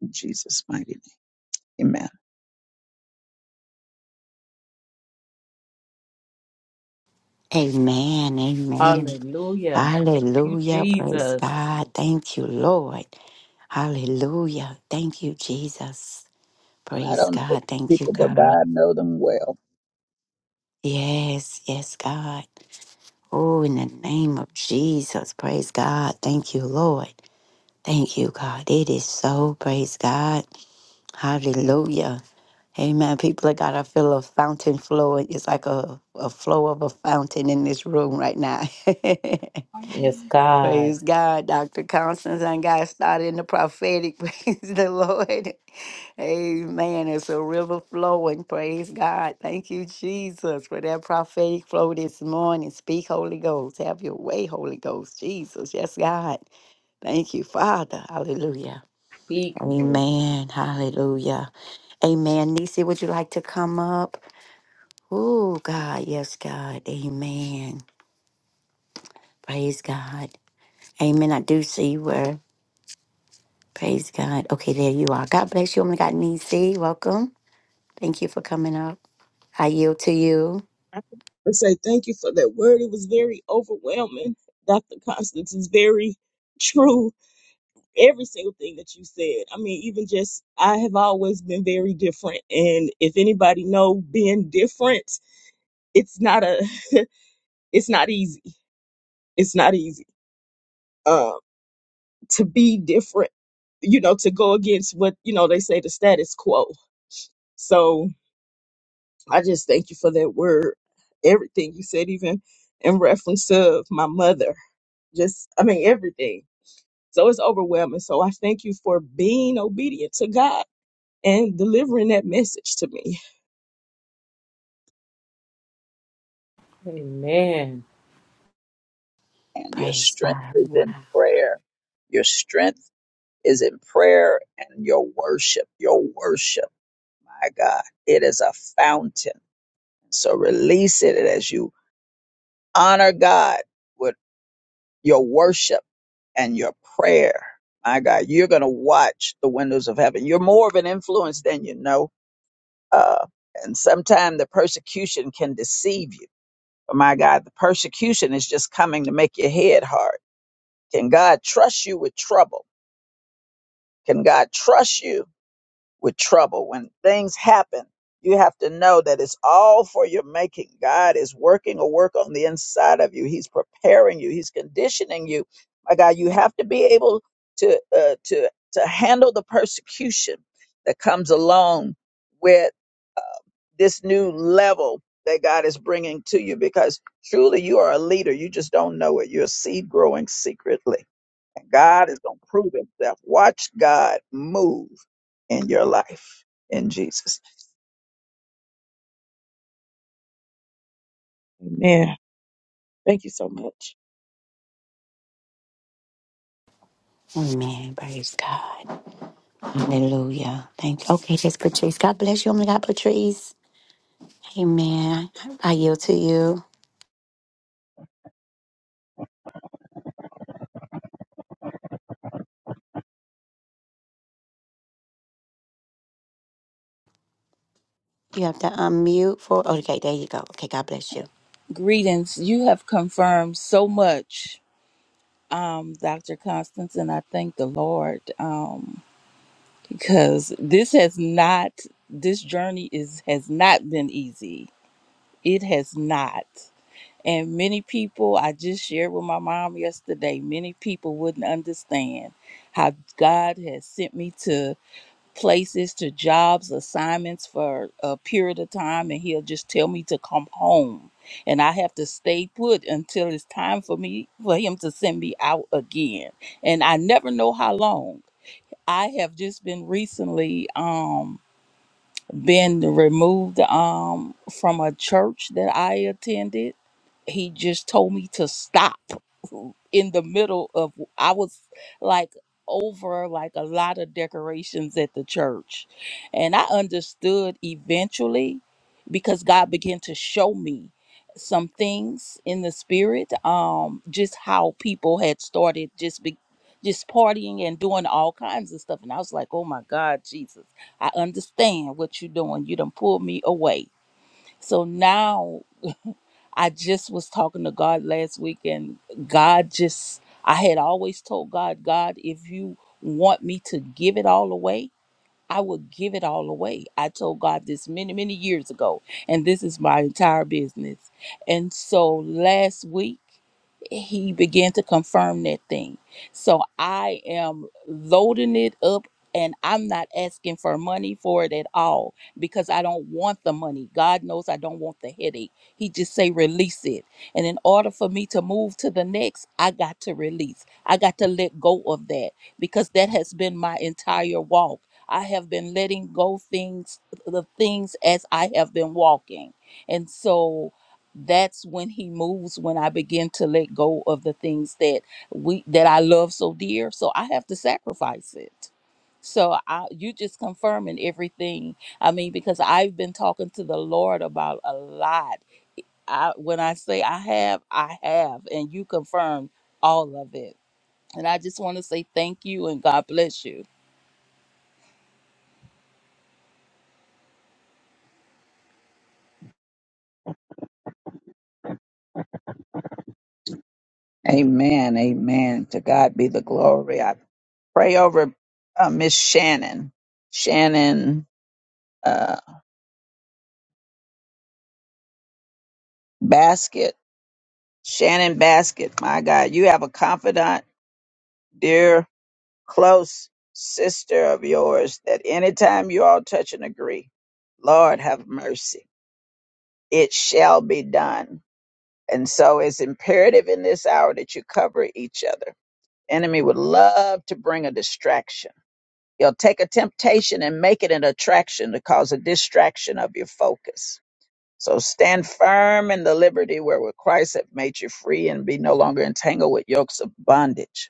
Speaker 3: In Jesus' mighty name, amen.
Speaker 2: Amen. Amen.
Speaker 1: Hallelujah. Thank you,
Speaker 2: Hallelujah. Praise
Speaker 1: Jesus.
Speaker 2: God. Thank you, Lord. Hallelujah. Thank you, Jesus.
Speaker 3: And I
Speaker 2: Praise
Speaker 3: don't know
Speaker 2: God.
Speaker 3: these
Speaker 2: Thank you,
Speaker 3: people, but
Speaker 2: God.
Speaker 3: God know them well.
Speaker 2: Yes, yes, God. Oh, in the name of Jesus, praise God. Thank you, Lord. Thank you, God. It is so, praise God. Hallelujah. Amen. People of God, I feel a fountain flowing. It's like a, a flow of a fountain in this room right now.
Speaker 1: Yes, God.
Speaker 2: praise God. Dr. Constance and got started in the prophetic. Praise the Lord. Amen. It's a river flowing. Praise God. Thank you, Jesus, for that prophetic flow this morning. Speak, Holy Ghost. Have your way, Holy Ghost. Jesus. Yes, God. Thank you, Father. Hallelujah.
Speaker 1: Speak, Lord.
Speaker 2: Amen. Hallelujah. Amen. Nisi, would you like to come up? Oh, God. Yes, God. Amen. Praise God. Amen. I do see you were. Praise God. Okay, there you are. God bless you. Only got God, Nisi. Welcome. Thank you for coming up. I yield to you.
Speaker 5: I would say thank you for that word. It was very overwhelming. Dr. Constance is very true. Every single thing that you said. I mean, even just I have always been very different. And if anybody know being different, it's not a it's not easy. It's not easy. Um to be different, you know, to go against what, you know, they say the status quo. So I just thank you for that word. Everything you said, even in reference of my mother just I mean everything. So it's overwhelming. So I thank you for being obedient to God and delivering that message to me.
Speaker 1: Amen.
Speaker 3: And your
Speaker 2: Praise
Speaker 3: strength
Speaker 2: God.
Speaker 3: is
Speaker 2: Wow.
Speaker 3: in prayer. Your strength is in prayer and your worship. Your worship, my God, it is a fountain. So release it as you honor God with your worship and your prayer. My God, you're going to watch the windows of heaven. You're more of an influence than you know uh, and sometimes the persecution can deceive you. But my God, the persecution is just coming to make your head hard. Can God trust you with trouble? Can God trust you with trouble? When things happen, you have to know that it's all for your making. God is working a work on the inside of you. He's preparing you. He's conditioning you. My God, you have to be able to uh, to to handle the persecution that comes along this new level that God is bringing to you because truly you are a leader. You just don't know it. You're a seed growing secretly. And God is going to prove himself. Watch God move in your life in Jesus.
Speaker 5: Amen. Thank you so much.
Speaker 2: Amen. Praise God. Hallelujah. Thank you. Okay, that's Patrice. God bless you. Only God, Patrice. Amen. I yield to you. You have to unmute for. Okay, there you go. Okay, God bless you.
Speaker 6: Greetings. You have confirmed so much, um, Dr. Constance, and I thank the Lord um, because this has not, this journey is has not been easy. It has not. And many people, I just shared with my mom yesterday, many people wouldn't understand how God has sent me to places to jobs, assignments for a period of time, and he'll just tell me to come home. And I have to stay put until it's time for me for him to send me out again. And I never know how long. I have just been recently um been removed um from a church that I attended. He just told me to stop in the middle of I was like over like a lot of decorations at the church. And I understood eventually because God began to show me some things in the spirit um just how people had started just be, just partying and doing all kinds of stuff and I was like, "Oh my God, Jesus." I understand what you're doing. You done pulled me away. So now I just was talking to God last week, and God just, I had always told God, God, if you want me to give it all away, I will give it all away. I told God this many, many years ago, and this is my entire business. And so last week, he began to confirm that thing. So I am loading it up and I'm not asking for money for it at all because I don't want the money. God knows I don't want the headache. He just say release it. And in order for me to move to the next, I got to release. I got to let go of that because that has been my entire walk. I have been letting go things the things as I have been walking. And so that's when he moves when i begin to let go of the things that we that i love so dear so i have to sacrifice it so i you just confirming everything i mean because i've been talking to the lord about a lot i when i say i have i have and you confirm all of it and i just want to say thank you and god bless you
Speaker 3: Amen. Amen. To God be the glory. I pray over uh, Miss Shannon, Shannon uh, Basket. Shannon Basket, my God, you have a confidant, dear close sister of yours that anytime you all touch and agree, Lord have mercy, it shall be done. And so it's imperative in this hour that you cover each other. Enemy would love to bring a distraction. He'll take a temptation and make it an attraction to cause a distraction of your focus. So stand firm in the liberty wherewith Christ hath made you free and be no longer entangled with yokes of bondage.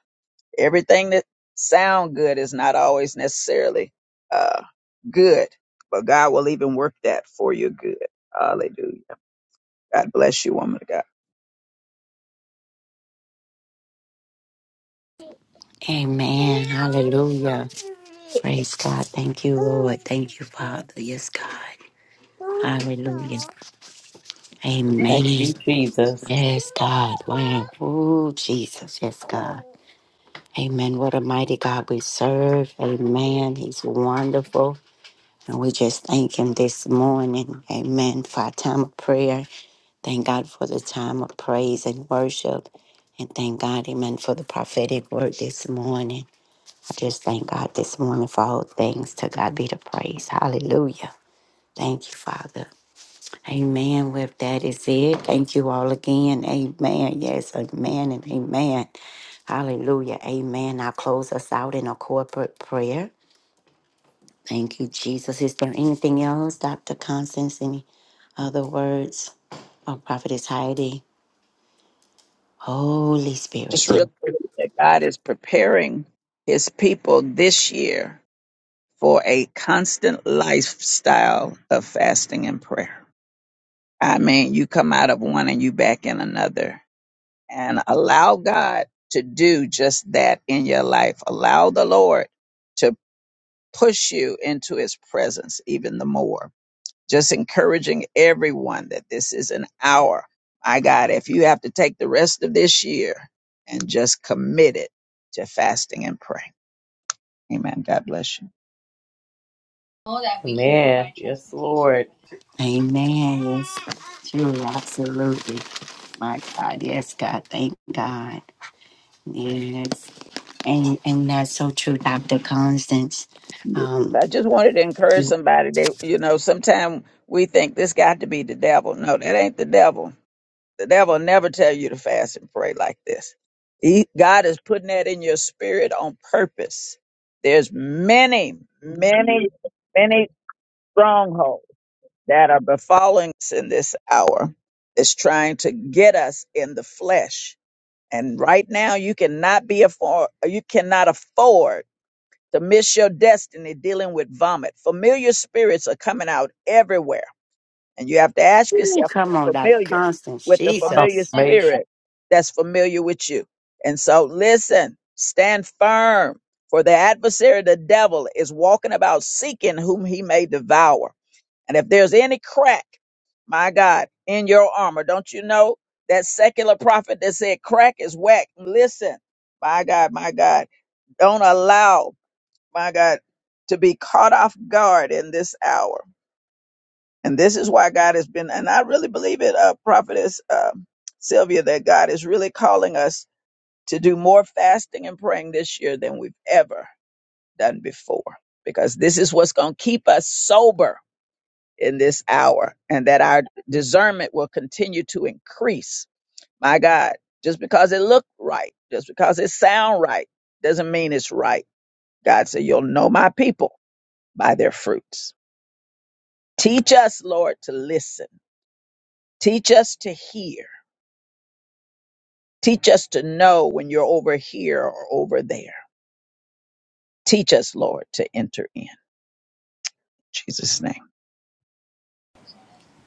Speaker 3: Everything that sound good is not always necessarily uh, good, but God will even work that for your good. Hallelujah. God bless you, woman of God.
Speaker 2: Amen. Hallelujah. Praise God. Thank you, Lord. Thank you, Father. Yes, God. Hallelujah.
Speaker 1: Thank
Speaker 2: Amen.
Speaker 1: you, Jesus.
Speaker 2: Yes, God. Wow. Oh, Jesus. Yes, God. Amen. What a mighty God we serve. Amen. He's wonderful. And we just thank him this morning. Amen. For our time of prayer. Thank God for the time of praise and worship. And thank God, amen, for the prophetic word this morning. I just thank God this morning for all things. To God be the praise. Hallelujah. Thank you, Father. Amen. With that is it. Thank you all again. Amen. Yes, amen and amen. Hallelujah. Amen. I'll close us out in a corporate prayer. Thank you, Jesus. Is there anything else, Dr. Constance? Any? uh, the words of Prophetess Heidi. Holy Spirit,
Speaker 3: Just
Speaker 2: thank
Speaker 3: really
Speaker 2: you.
Speaker 3: believe that God is preparing his people this year for a constant lifestyle of fasting and prayer. I mean, you come out of one and you back in another. and allow God to do just that in your life. Allow the Lord to push you into his presence even the more. Just encouraging everyone that this is an hour. My God, if you have to take the rest of this year and just commit it to fasting and prayer. Amen. God bless you.
Speaker 1: Amen. Yes, Lord.
Speaker 2: Amen. Yes, truly, absolutely. My God, yes, God, thank God. Yes, and and that's so true, Doctor Constance. Um,
Speaker 3: I just wanted to encourage somebody that, you know, sometimes we think this got to be the devil. No, that ain't the devil. The devil never tell you to fast and pray like this. He, God is putting that in your spirit on purpose. There's many, many, many strongholds that are befalling us in this hour is trying to get us in the flesh. And right now, you cannot be afford, you cannot afford to miss your destiny dealing with vomit. Familiar spirits are coming out everywhere, and you have to ask
Speaker 2: ooh,
Speaker 3: yourself, "Are
Speaker 2: come on,
Speaker 3: you
Speaker 2: Doctor
Speaker 3: familiar
Speaker 2: Constance,
Speaker 3: with the familiar
Speaker 2: Jesus.
Speaker 1: Confirmation.
Speaker 3: spirit that's familiar with you. And so, listen, stand firm, for the adversary, the devil, is walking about seeking whom he may devour. And if there's any crack, my God, in your armor, don't you know that secular prophet that said crack is whack? Listen, my God, my God, don't allow, my God, to be caught off guard in this hour. And this is why God has been, and I really believe it, uh, prophetess uh, Sylvia, that God is really calling us to do more fasting and praying this year than we've ever done before, because this is what's going to keep us sober in this hour and that our discernment will continue to increase. My God, just because it looked right, just because it sound right, doesn't mean it's right. God said, you'll know my people by their fruits. Teach us, Lord, to listen. Teach us to hear. Teach us to know when you're over here or over there. Teach us, Lord, to enter in. In Jesus' name.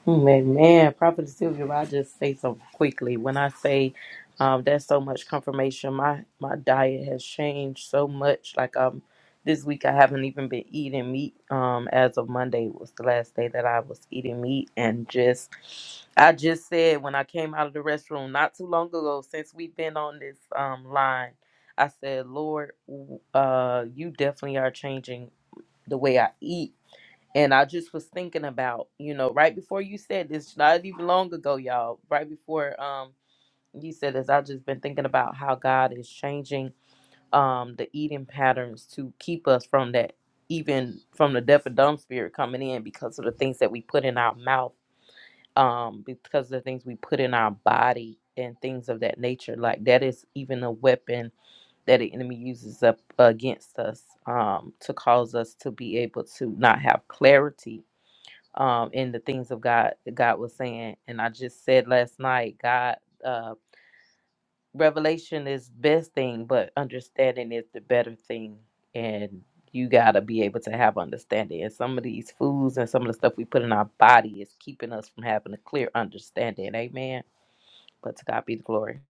Speaker 1: Mm, Amen. Prophet Sylvia, I just say so quickly. When I say um, that's so much confirmation, my my diet has changed so much. Like um, this week I haven't even been eating meat. Um, as of Monday was the last day that I was eating meat, and just I just said when I came out of the restroom not too long ago, since we've been on this um line, I said, Lord, w- uh, you definitely are changing the way I eat and I just was thinking about, you know, right before you said this, not even long ago, y'all, right before um you said this, I've just been thinking about how God is changing um the eating patterns to keep us from that even from the deaf and dumb spirit coming in because of the things that we put in our mouth, um, because of the things we put in our body and things of that nature. Like that is even a weapon that the enemy uses up against us, um, to cause us to be able to not have clarity um, in the things of God that God was saying. And I just said last night, God, uh, revelation is best thing, but understanding is the better thing. And you gotta be able to have understanding. And some of these foods and some of the stuff we put in our body is keeping us from having a clear understanding. Amen. But to God be the glory.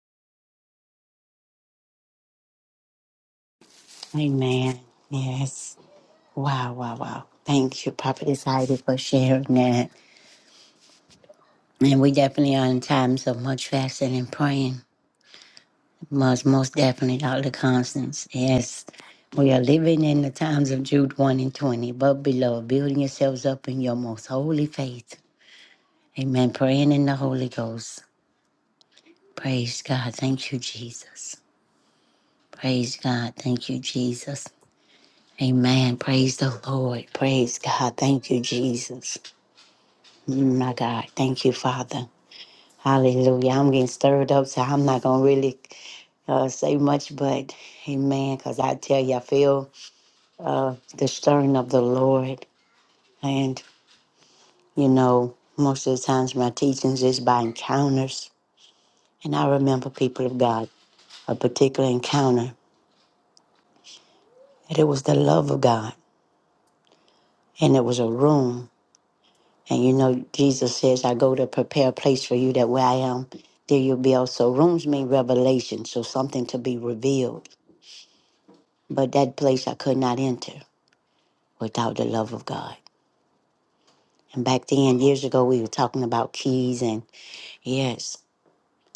Speaker 2: Amen. Yes. Wow, wow, wow. Thank you, Prophetess Heidi, for sharing that. And we definitely are in times of much fasting and praying. Most, most definitely, Dr. Constance. Yes, we are living in the times of Jude 1 and 20. But, beloved, building yourselves up in your most holy faith. Amen. Praying in the Holy Ghost. Praise God. Thank you, Jesus. Praise God. Thank you, Jesus. Amen. Praise the Lord. Praise God. Thank you, Jesus. Mm, My God. Thank you, Father. Hallelujah. I'm getting stirred up, so I'm not going to really uh, say much, but amen. Because I tell you, I feel. of the stirring of the Lord. And, you know, most of the times my teachings is by encounters. And I remember people of God, a particular encounter, and it was the love of God, and it was a room. And you know, Jesus says, I go to prepare a place for you that where I am, there you'll be also. Rooms mean revelation, so something to be revealed. But that place I could not enter without the love of God. And back then, years ago, we were talking about keys, and yes.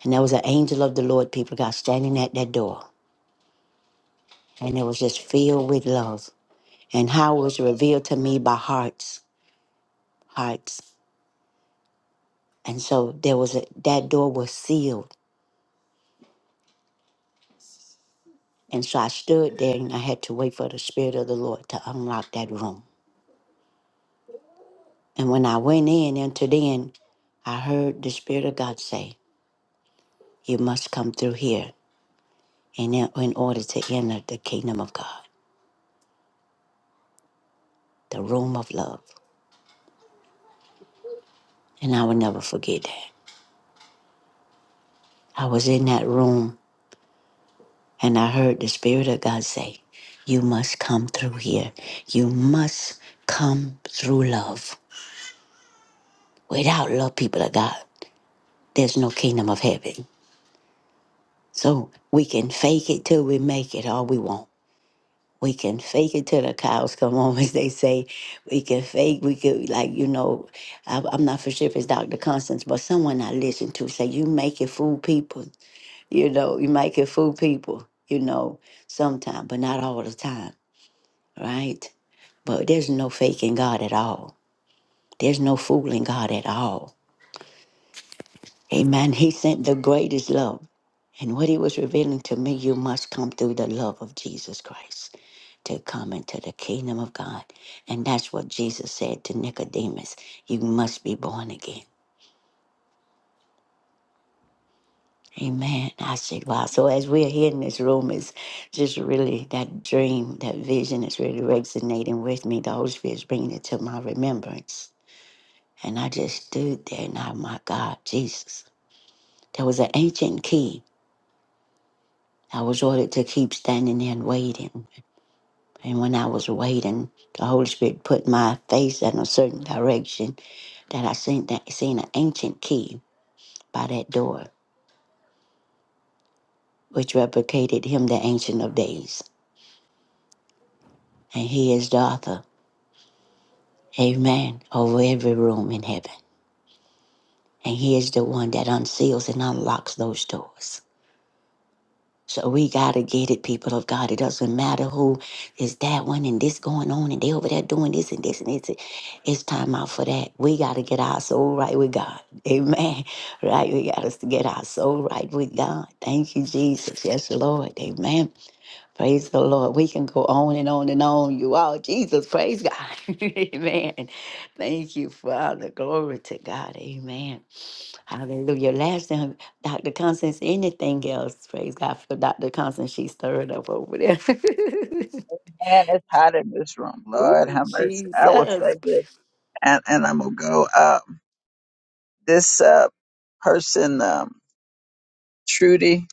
Speaker 2: And there was an angel of the Lord, people got standing at that door. And it was just filled with love. And how it was revealed to me by hearts, hearts. And so there was a, that door was sealed. And so I stood there and I had to wait for the Spirit of the Lord to unlock that room. And when I went in, into then, I heard the Spirit of God say, You must come through here in, in order to enter the kingdom of God, the room of love. And I will never forget that. I was in that room And I heard the Spirit of God say, You must come through here. You must come through love. Without love, people of God, there's no kingdom of heaven. So we can fake it till we make it all we want. We can fake it till the cows come home, as they say. We can fake, we could, like, you know, I, I'm not for sure if it's Dr. Constance, but someone I listen to say, you make it fool people. You know, you make it fool people, you know, sometime, but not all the time, right? But there's no faking God at all. There's no fooling God at all. Amen. He sent the greatest love. And what he was revealing to me, you must come through the love of Jesus Christ to come into the kingdom of God. And that's what Jesus said to Nicodemus. You must be born again. Amen. I said, wow. So as we're here in this room, it's just really that dream, that vision is really resonating with me. The Holy Spirit is bringing it to my remembrance And I just stood there and I, my God, Jesus. There was an ancient key. I was ordered to keep standing there and waiting. And when I was waiting, the Holy Spirit put my face in a certain direction that I seen that seen an ancient key by that door, which replicated him the ancient of days. And he is the author, amen, over every room in heaven. And he is the one that unseals and unlocks those doors. So we gotta get it, people of God. It doesn't matter who is that one and this going on and they over there doing this and this and this. It's time out for that. We gotta get our soul right with God. Amen. Right? We gotta get our soul right with God. Thank you, Jesus. Yes, Lord. Amen. Praise the Lord. We can go on and on and on. You all, Jesus, praise God. Amen. Thank you, Father. Glory to God. Amen. Hallelujah. Last time, Dr. Constance, anything else? Praise God for Dr. Constance. She stirred up over there.
Speaker 3: Man, it's hot in this room. Lord
Speaker 2: Ooh,
Speaker 3: have mercy. I will say
Speaker 2: Jesus.
Speaker 3: this, and, and I'm gonna go. up. this uh, person, um, Trudy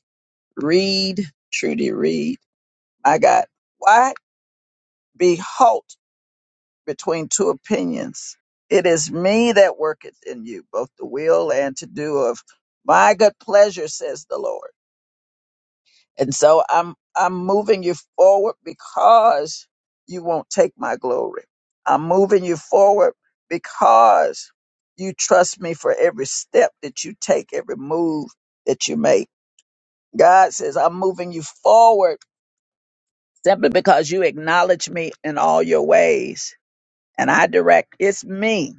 Speaker 3: Reed, Trudy Reed, I got, why be halt between two opinions? It is me that worketh in you, both the will and to do of my good pleasure, says the Lord. And so I'm, I'm moving you forward because you won't take my glory. I'm moving you forward because you trust me for every step that you take, every move that you make. God says, I'm moving you forward simply because you acknowledge me in all your ways. And I direct, it's me.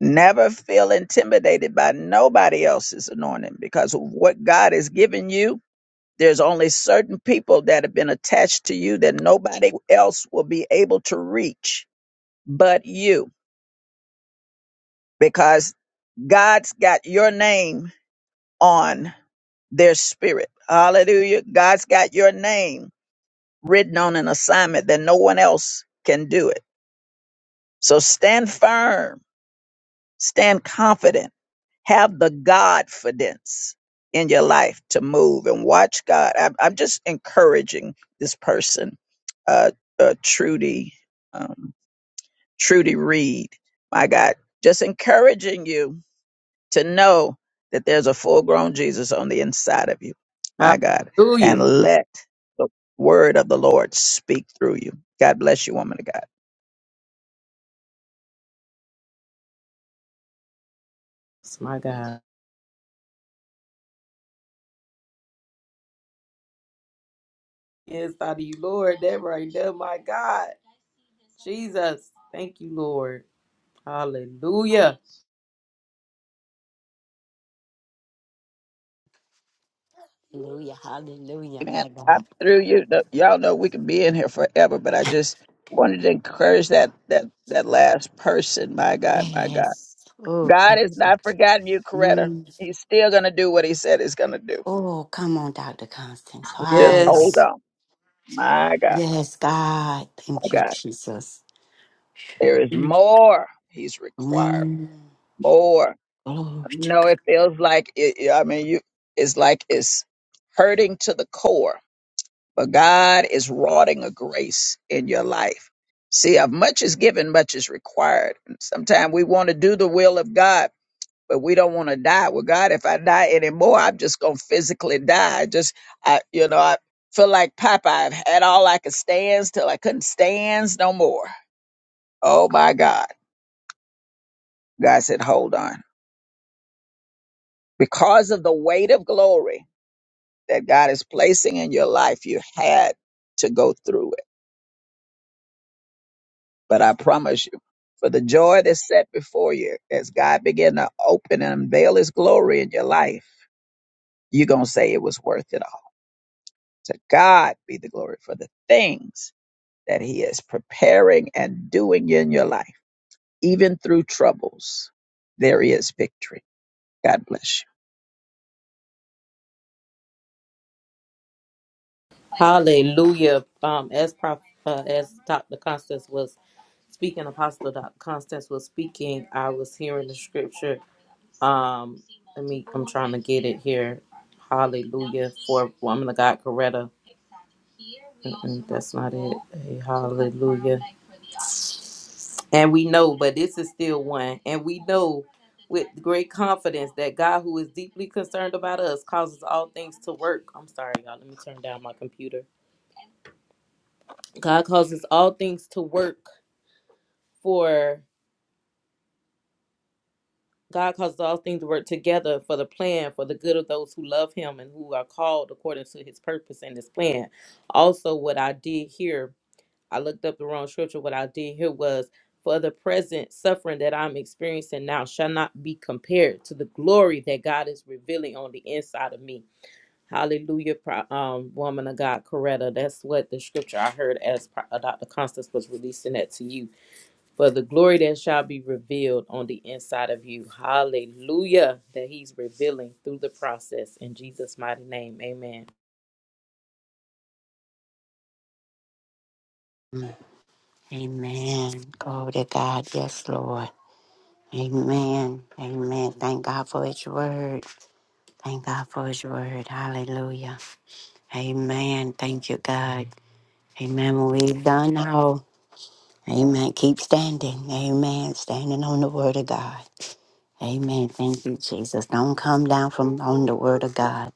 Speaker 3: Never feel intimidated by nobody else's anointing because what God has given you, there's only certain people that have been attached to you that nobody else will be able to reach but you because God's got your name on their spirit. Hallelujah. God's got your name written on an assignment that no one else can do it. So stand firm, stand confident, have the Godfidence in your life to move and watch God. I'm, I'm just encouraging this person, uh, uh, Trudy, um, Trudy Reed. My God, just encouraging you to know that there's a full grown Jesus on the inside of you. My God. And
Speaker 1: Hallelujah.
Speaker 3: let the word of the Lord speak through you. God bless you, woman of God.
Speaker 1: It's my God. Yes, out of you, Lord. That right there, my God. Jesus. Thank you, Lord. Hallelujah.
Speaker 2: Hallelujah. Hallelujah.
Speaker 3: Amen.
Speaker 2: My God.
Speaker 3: I'm through you. No- Y'all know we can be in here forever, but I just wanted to encourage that that that last person. My God, my God.
Speaker 2: Yes. Oh,
Speaker 3: God
Speaker 2: thank
Speaker 3: has
Speaker 2: you.
Speaker 3: not forgotten you, Coretta.
Speaker 2: Mm.
Speaker 3: He's still gonna do what he said he's gonna do.
Speaker 2: Oh, come on, Dr. Constance.
Speaker 3: Just
Speaker 1: Yes.
Speaker 3: hold
Speaker 2: Hallelujah.
Speaker 3: on. My God,
Speaker 2: Yes, God.
Speaker 3: my
Speaker 2: Thank you,
Speaker 3: God.
Speaker 2: Jesus.
Speaker 3: There is more he's requiring.
Speaker 2: Mm.
Speaker 3: More.
Speaker 2: Glory to
Speaker 3: No,
Speaker 2: God.
Speaker 3: it feels like it, yeah, I mean, you. It's like it's hurting to the core, but God is wrought a grace in your life. See, of much is given, much is required. Sometimes we want to do the will of God, but we don't want to die. Well, God, if I die anymore, I'm just gonna physically die. I just, I, you know, I feel like Popeye. I've had all I could stands till I couldn't stands no more. Oh my God! God said, hold on, because of the weight of glory. that God is placing in your life, you had to go through it. But I promise you, for the joy that's set before you, as God began to open and unveil his glory in your life, you're going to say it was worth it all. To God be the glory for the things that he is preparing and doing in your life. Even through troubles, there is victory. God bless you.
Speaker 1: Hallelujah. Um, as prof, uh, as Dr. Constance was speaking, Apostle Dr. Constance was speaking, I was hearing the scripture. Um, let me, I'm trying to get it here. Hallelujah for woman of God, Coretta. Mm-mm, that's not it. Hey, hallelujah. And we know, but this is still one. And we know with great confidence that God, who is deeply concerned about us, causes all things to work. I'm sorry, y'all. Let me turn down my computer. God causes all things to work for God causes all things to work together for the plan for the good of those who love him and who are called according to his purpose and his plan. Also what I did here, I looked up the wrong scripture. What I did here was for the present suffering that I'm experiencing now shall not be compared to the glory that God is revealing on the inside of me. Hallelujah, pro- um, woman of God, Coretta. That's what the scripture I heard as Pro- uh, Dr. Constance was releasing that to you for the glory that shall be revealed on the inside of you. Hallelujah. That he's revealing through the process. In Jesus' mighty name, amen.
Speaker 2: Mm. Amen. Glory to God. Yes, Lord. Amen. Amen. Thank God for His word. Thank God for His word. Hallelujah. Amen. Thank you, God. Amen. When we've done all, amen. Keep standing. Amen. Standing on the word of God. Amen. Thank you, Jesus. Don't come down from on the word of God.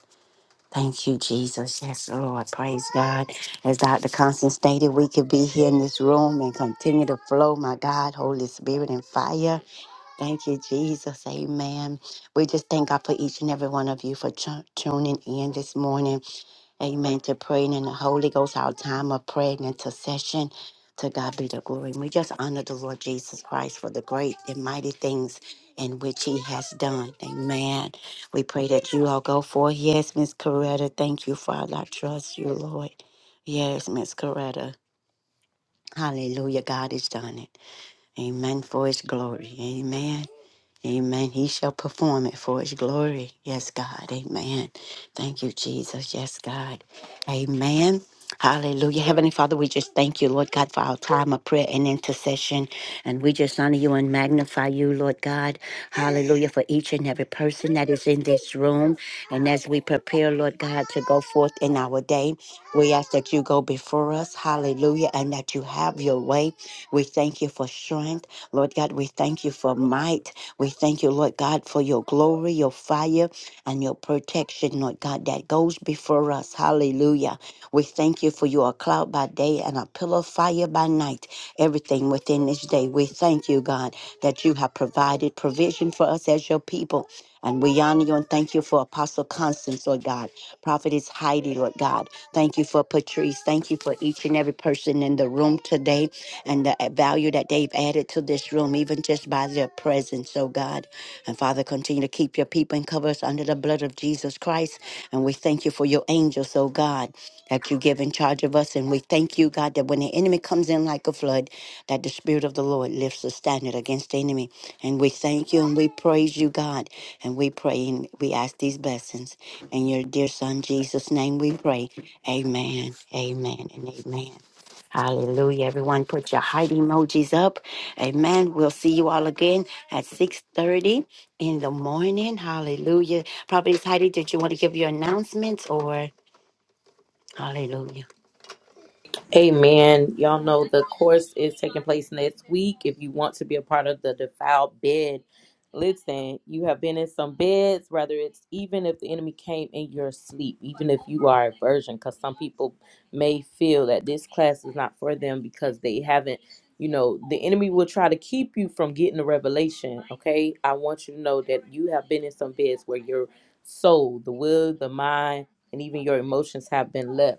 Speaker 2: Thank you, Jesus. Yes, Lord. Praise God. As Dr. Constance stated, we could be here in this room and continue to flow, my God, Holy Spirit and fire. Thank you, Jesus. Amen. We just thank God for each and every one of you for tu- tuning in this morning. Amen. To praying in the Holy Ghost, our time of prayer and intercession. To God be the glory. And we just honor the Lord Jesus Christ for the great and mighty things in which he has done. Amen. We pray that you all go forth. Yes, Miss Coretta. Thank you, Father. I trust you, Lord. Yes, Miss Coretta. Hallelujah. God has done it. Amen. For his glory. Amen. Amen. He shall perform it for his glory. Yes, God. Amen. Thank you, Jesus. Yes, God. Amen. Hallelujah. Heavenly Father, we just thank you, Lord God, for our time of prayer and intercession. And we just honor you and magnify you, Lord God. Hallelujah. For each and every person that is in this room. And as we prepare, Lord God, to go forth in our day, we ask that you go before us. Hallelujah. And that you have your way. We thank you for strength. Lord God, we thank you for might. We thank you, Lord God, for your glory, your fire, and your protection, Lord God, that goes before us. Hallelujah. We thank you for your cloud by day and a pillar of fire by night everything within this day. We thank you, God, that you have provided provision for us as your people. And we honor you and thank you for Apostle Constance, Lord God. Prophetess Heidi, Lord God. Thank you for Patrice. Thank you for each and every person in the room today and the value that they've added to this room, even just by their presence, oh God. And Father, continue to keep your people in covenant and cover us under the blood of Jesus Christ. And we thank you for your angels, oh God, that you give in charge of us. And we thank you, God, that when the enemy comes in like a flood, that the Spirit of the Lord lifts the standard against the enemy. And we thank you and we praise you, God. And we pray and we ask these blessings. In your dear Son, Jesus' name, we pray. Amen, amen, and amen. Hallelujah. Everyone put your heart emojis up. Amen. We'll see you all again at 6.30 in the morning. Hallelujah. Prophetess Heidi, did you want to give your announcements or hallelujah?
Speaker 1: Amen. Y'all know the course is taking place next week. If you want to be a part of the defiled bed, listen, you have been in some beds, whether it's even if the enemy came in your sleep, even if you are a virgin, because some people may feel that this class is not for them because they haven't, you know, the enemy will try to keep you from getting the revelation. Okay. I want you to know that you have been in some beds where your soul, the will, the mind, and even your emotions have been left.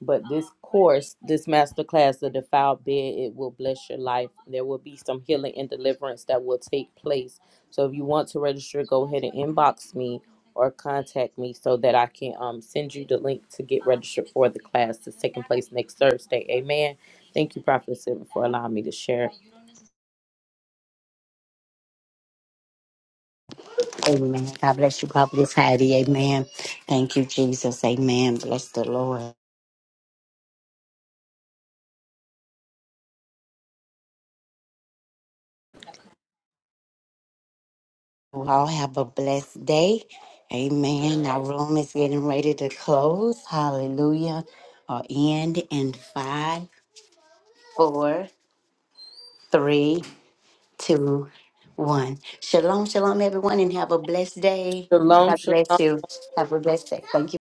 Speaker 1: But this course, this masterclass, the defiled bed, it will bless your life. There will be some healing and deliverance that will take place. So if you want to register, go ahead and inbox me or contact me so that I can um, send you the link to get registered for the class that's taking place next Thursday. Amen. Thank you, Prophet Sivan, for allowing me to share.
Speaker 2: Amen. God bless you, Prophetess Heidi. Amen. Thank you, Jesus. Amen. Bless the Lord. You all have a blessed day. Amen. Our room is getting ready to close. Hallelujah. Or end in five, four, three, two, one. Shalom, shalom, everyone, and have a blessed day.
Speaker 1: Shalom,
Speaker 2: God bless
Speaker 1: shalom.
Speaker 2: you. Have a blessed day. Thank you.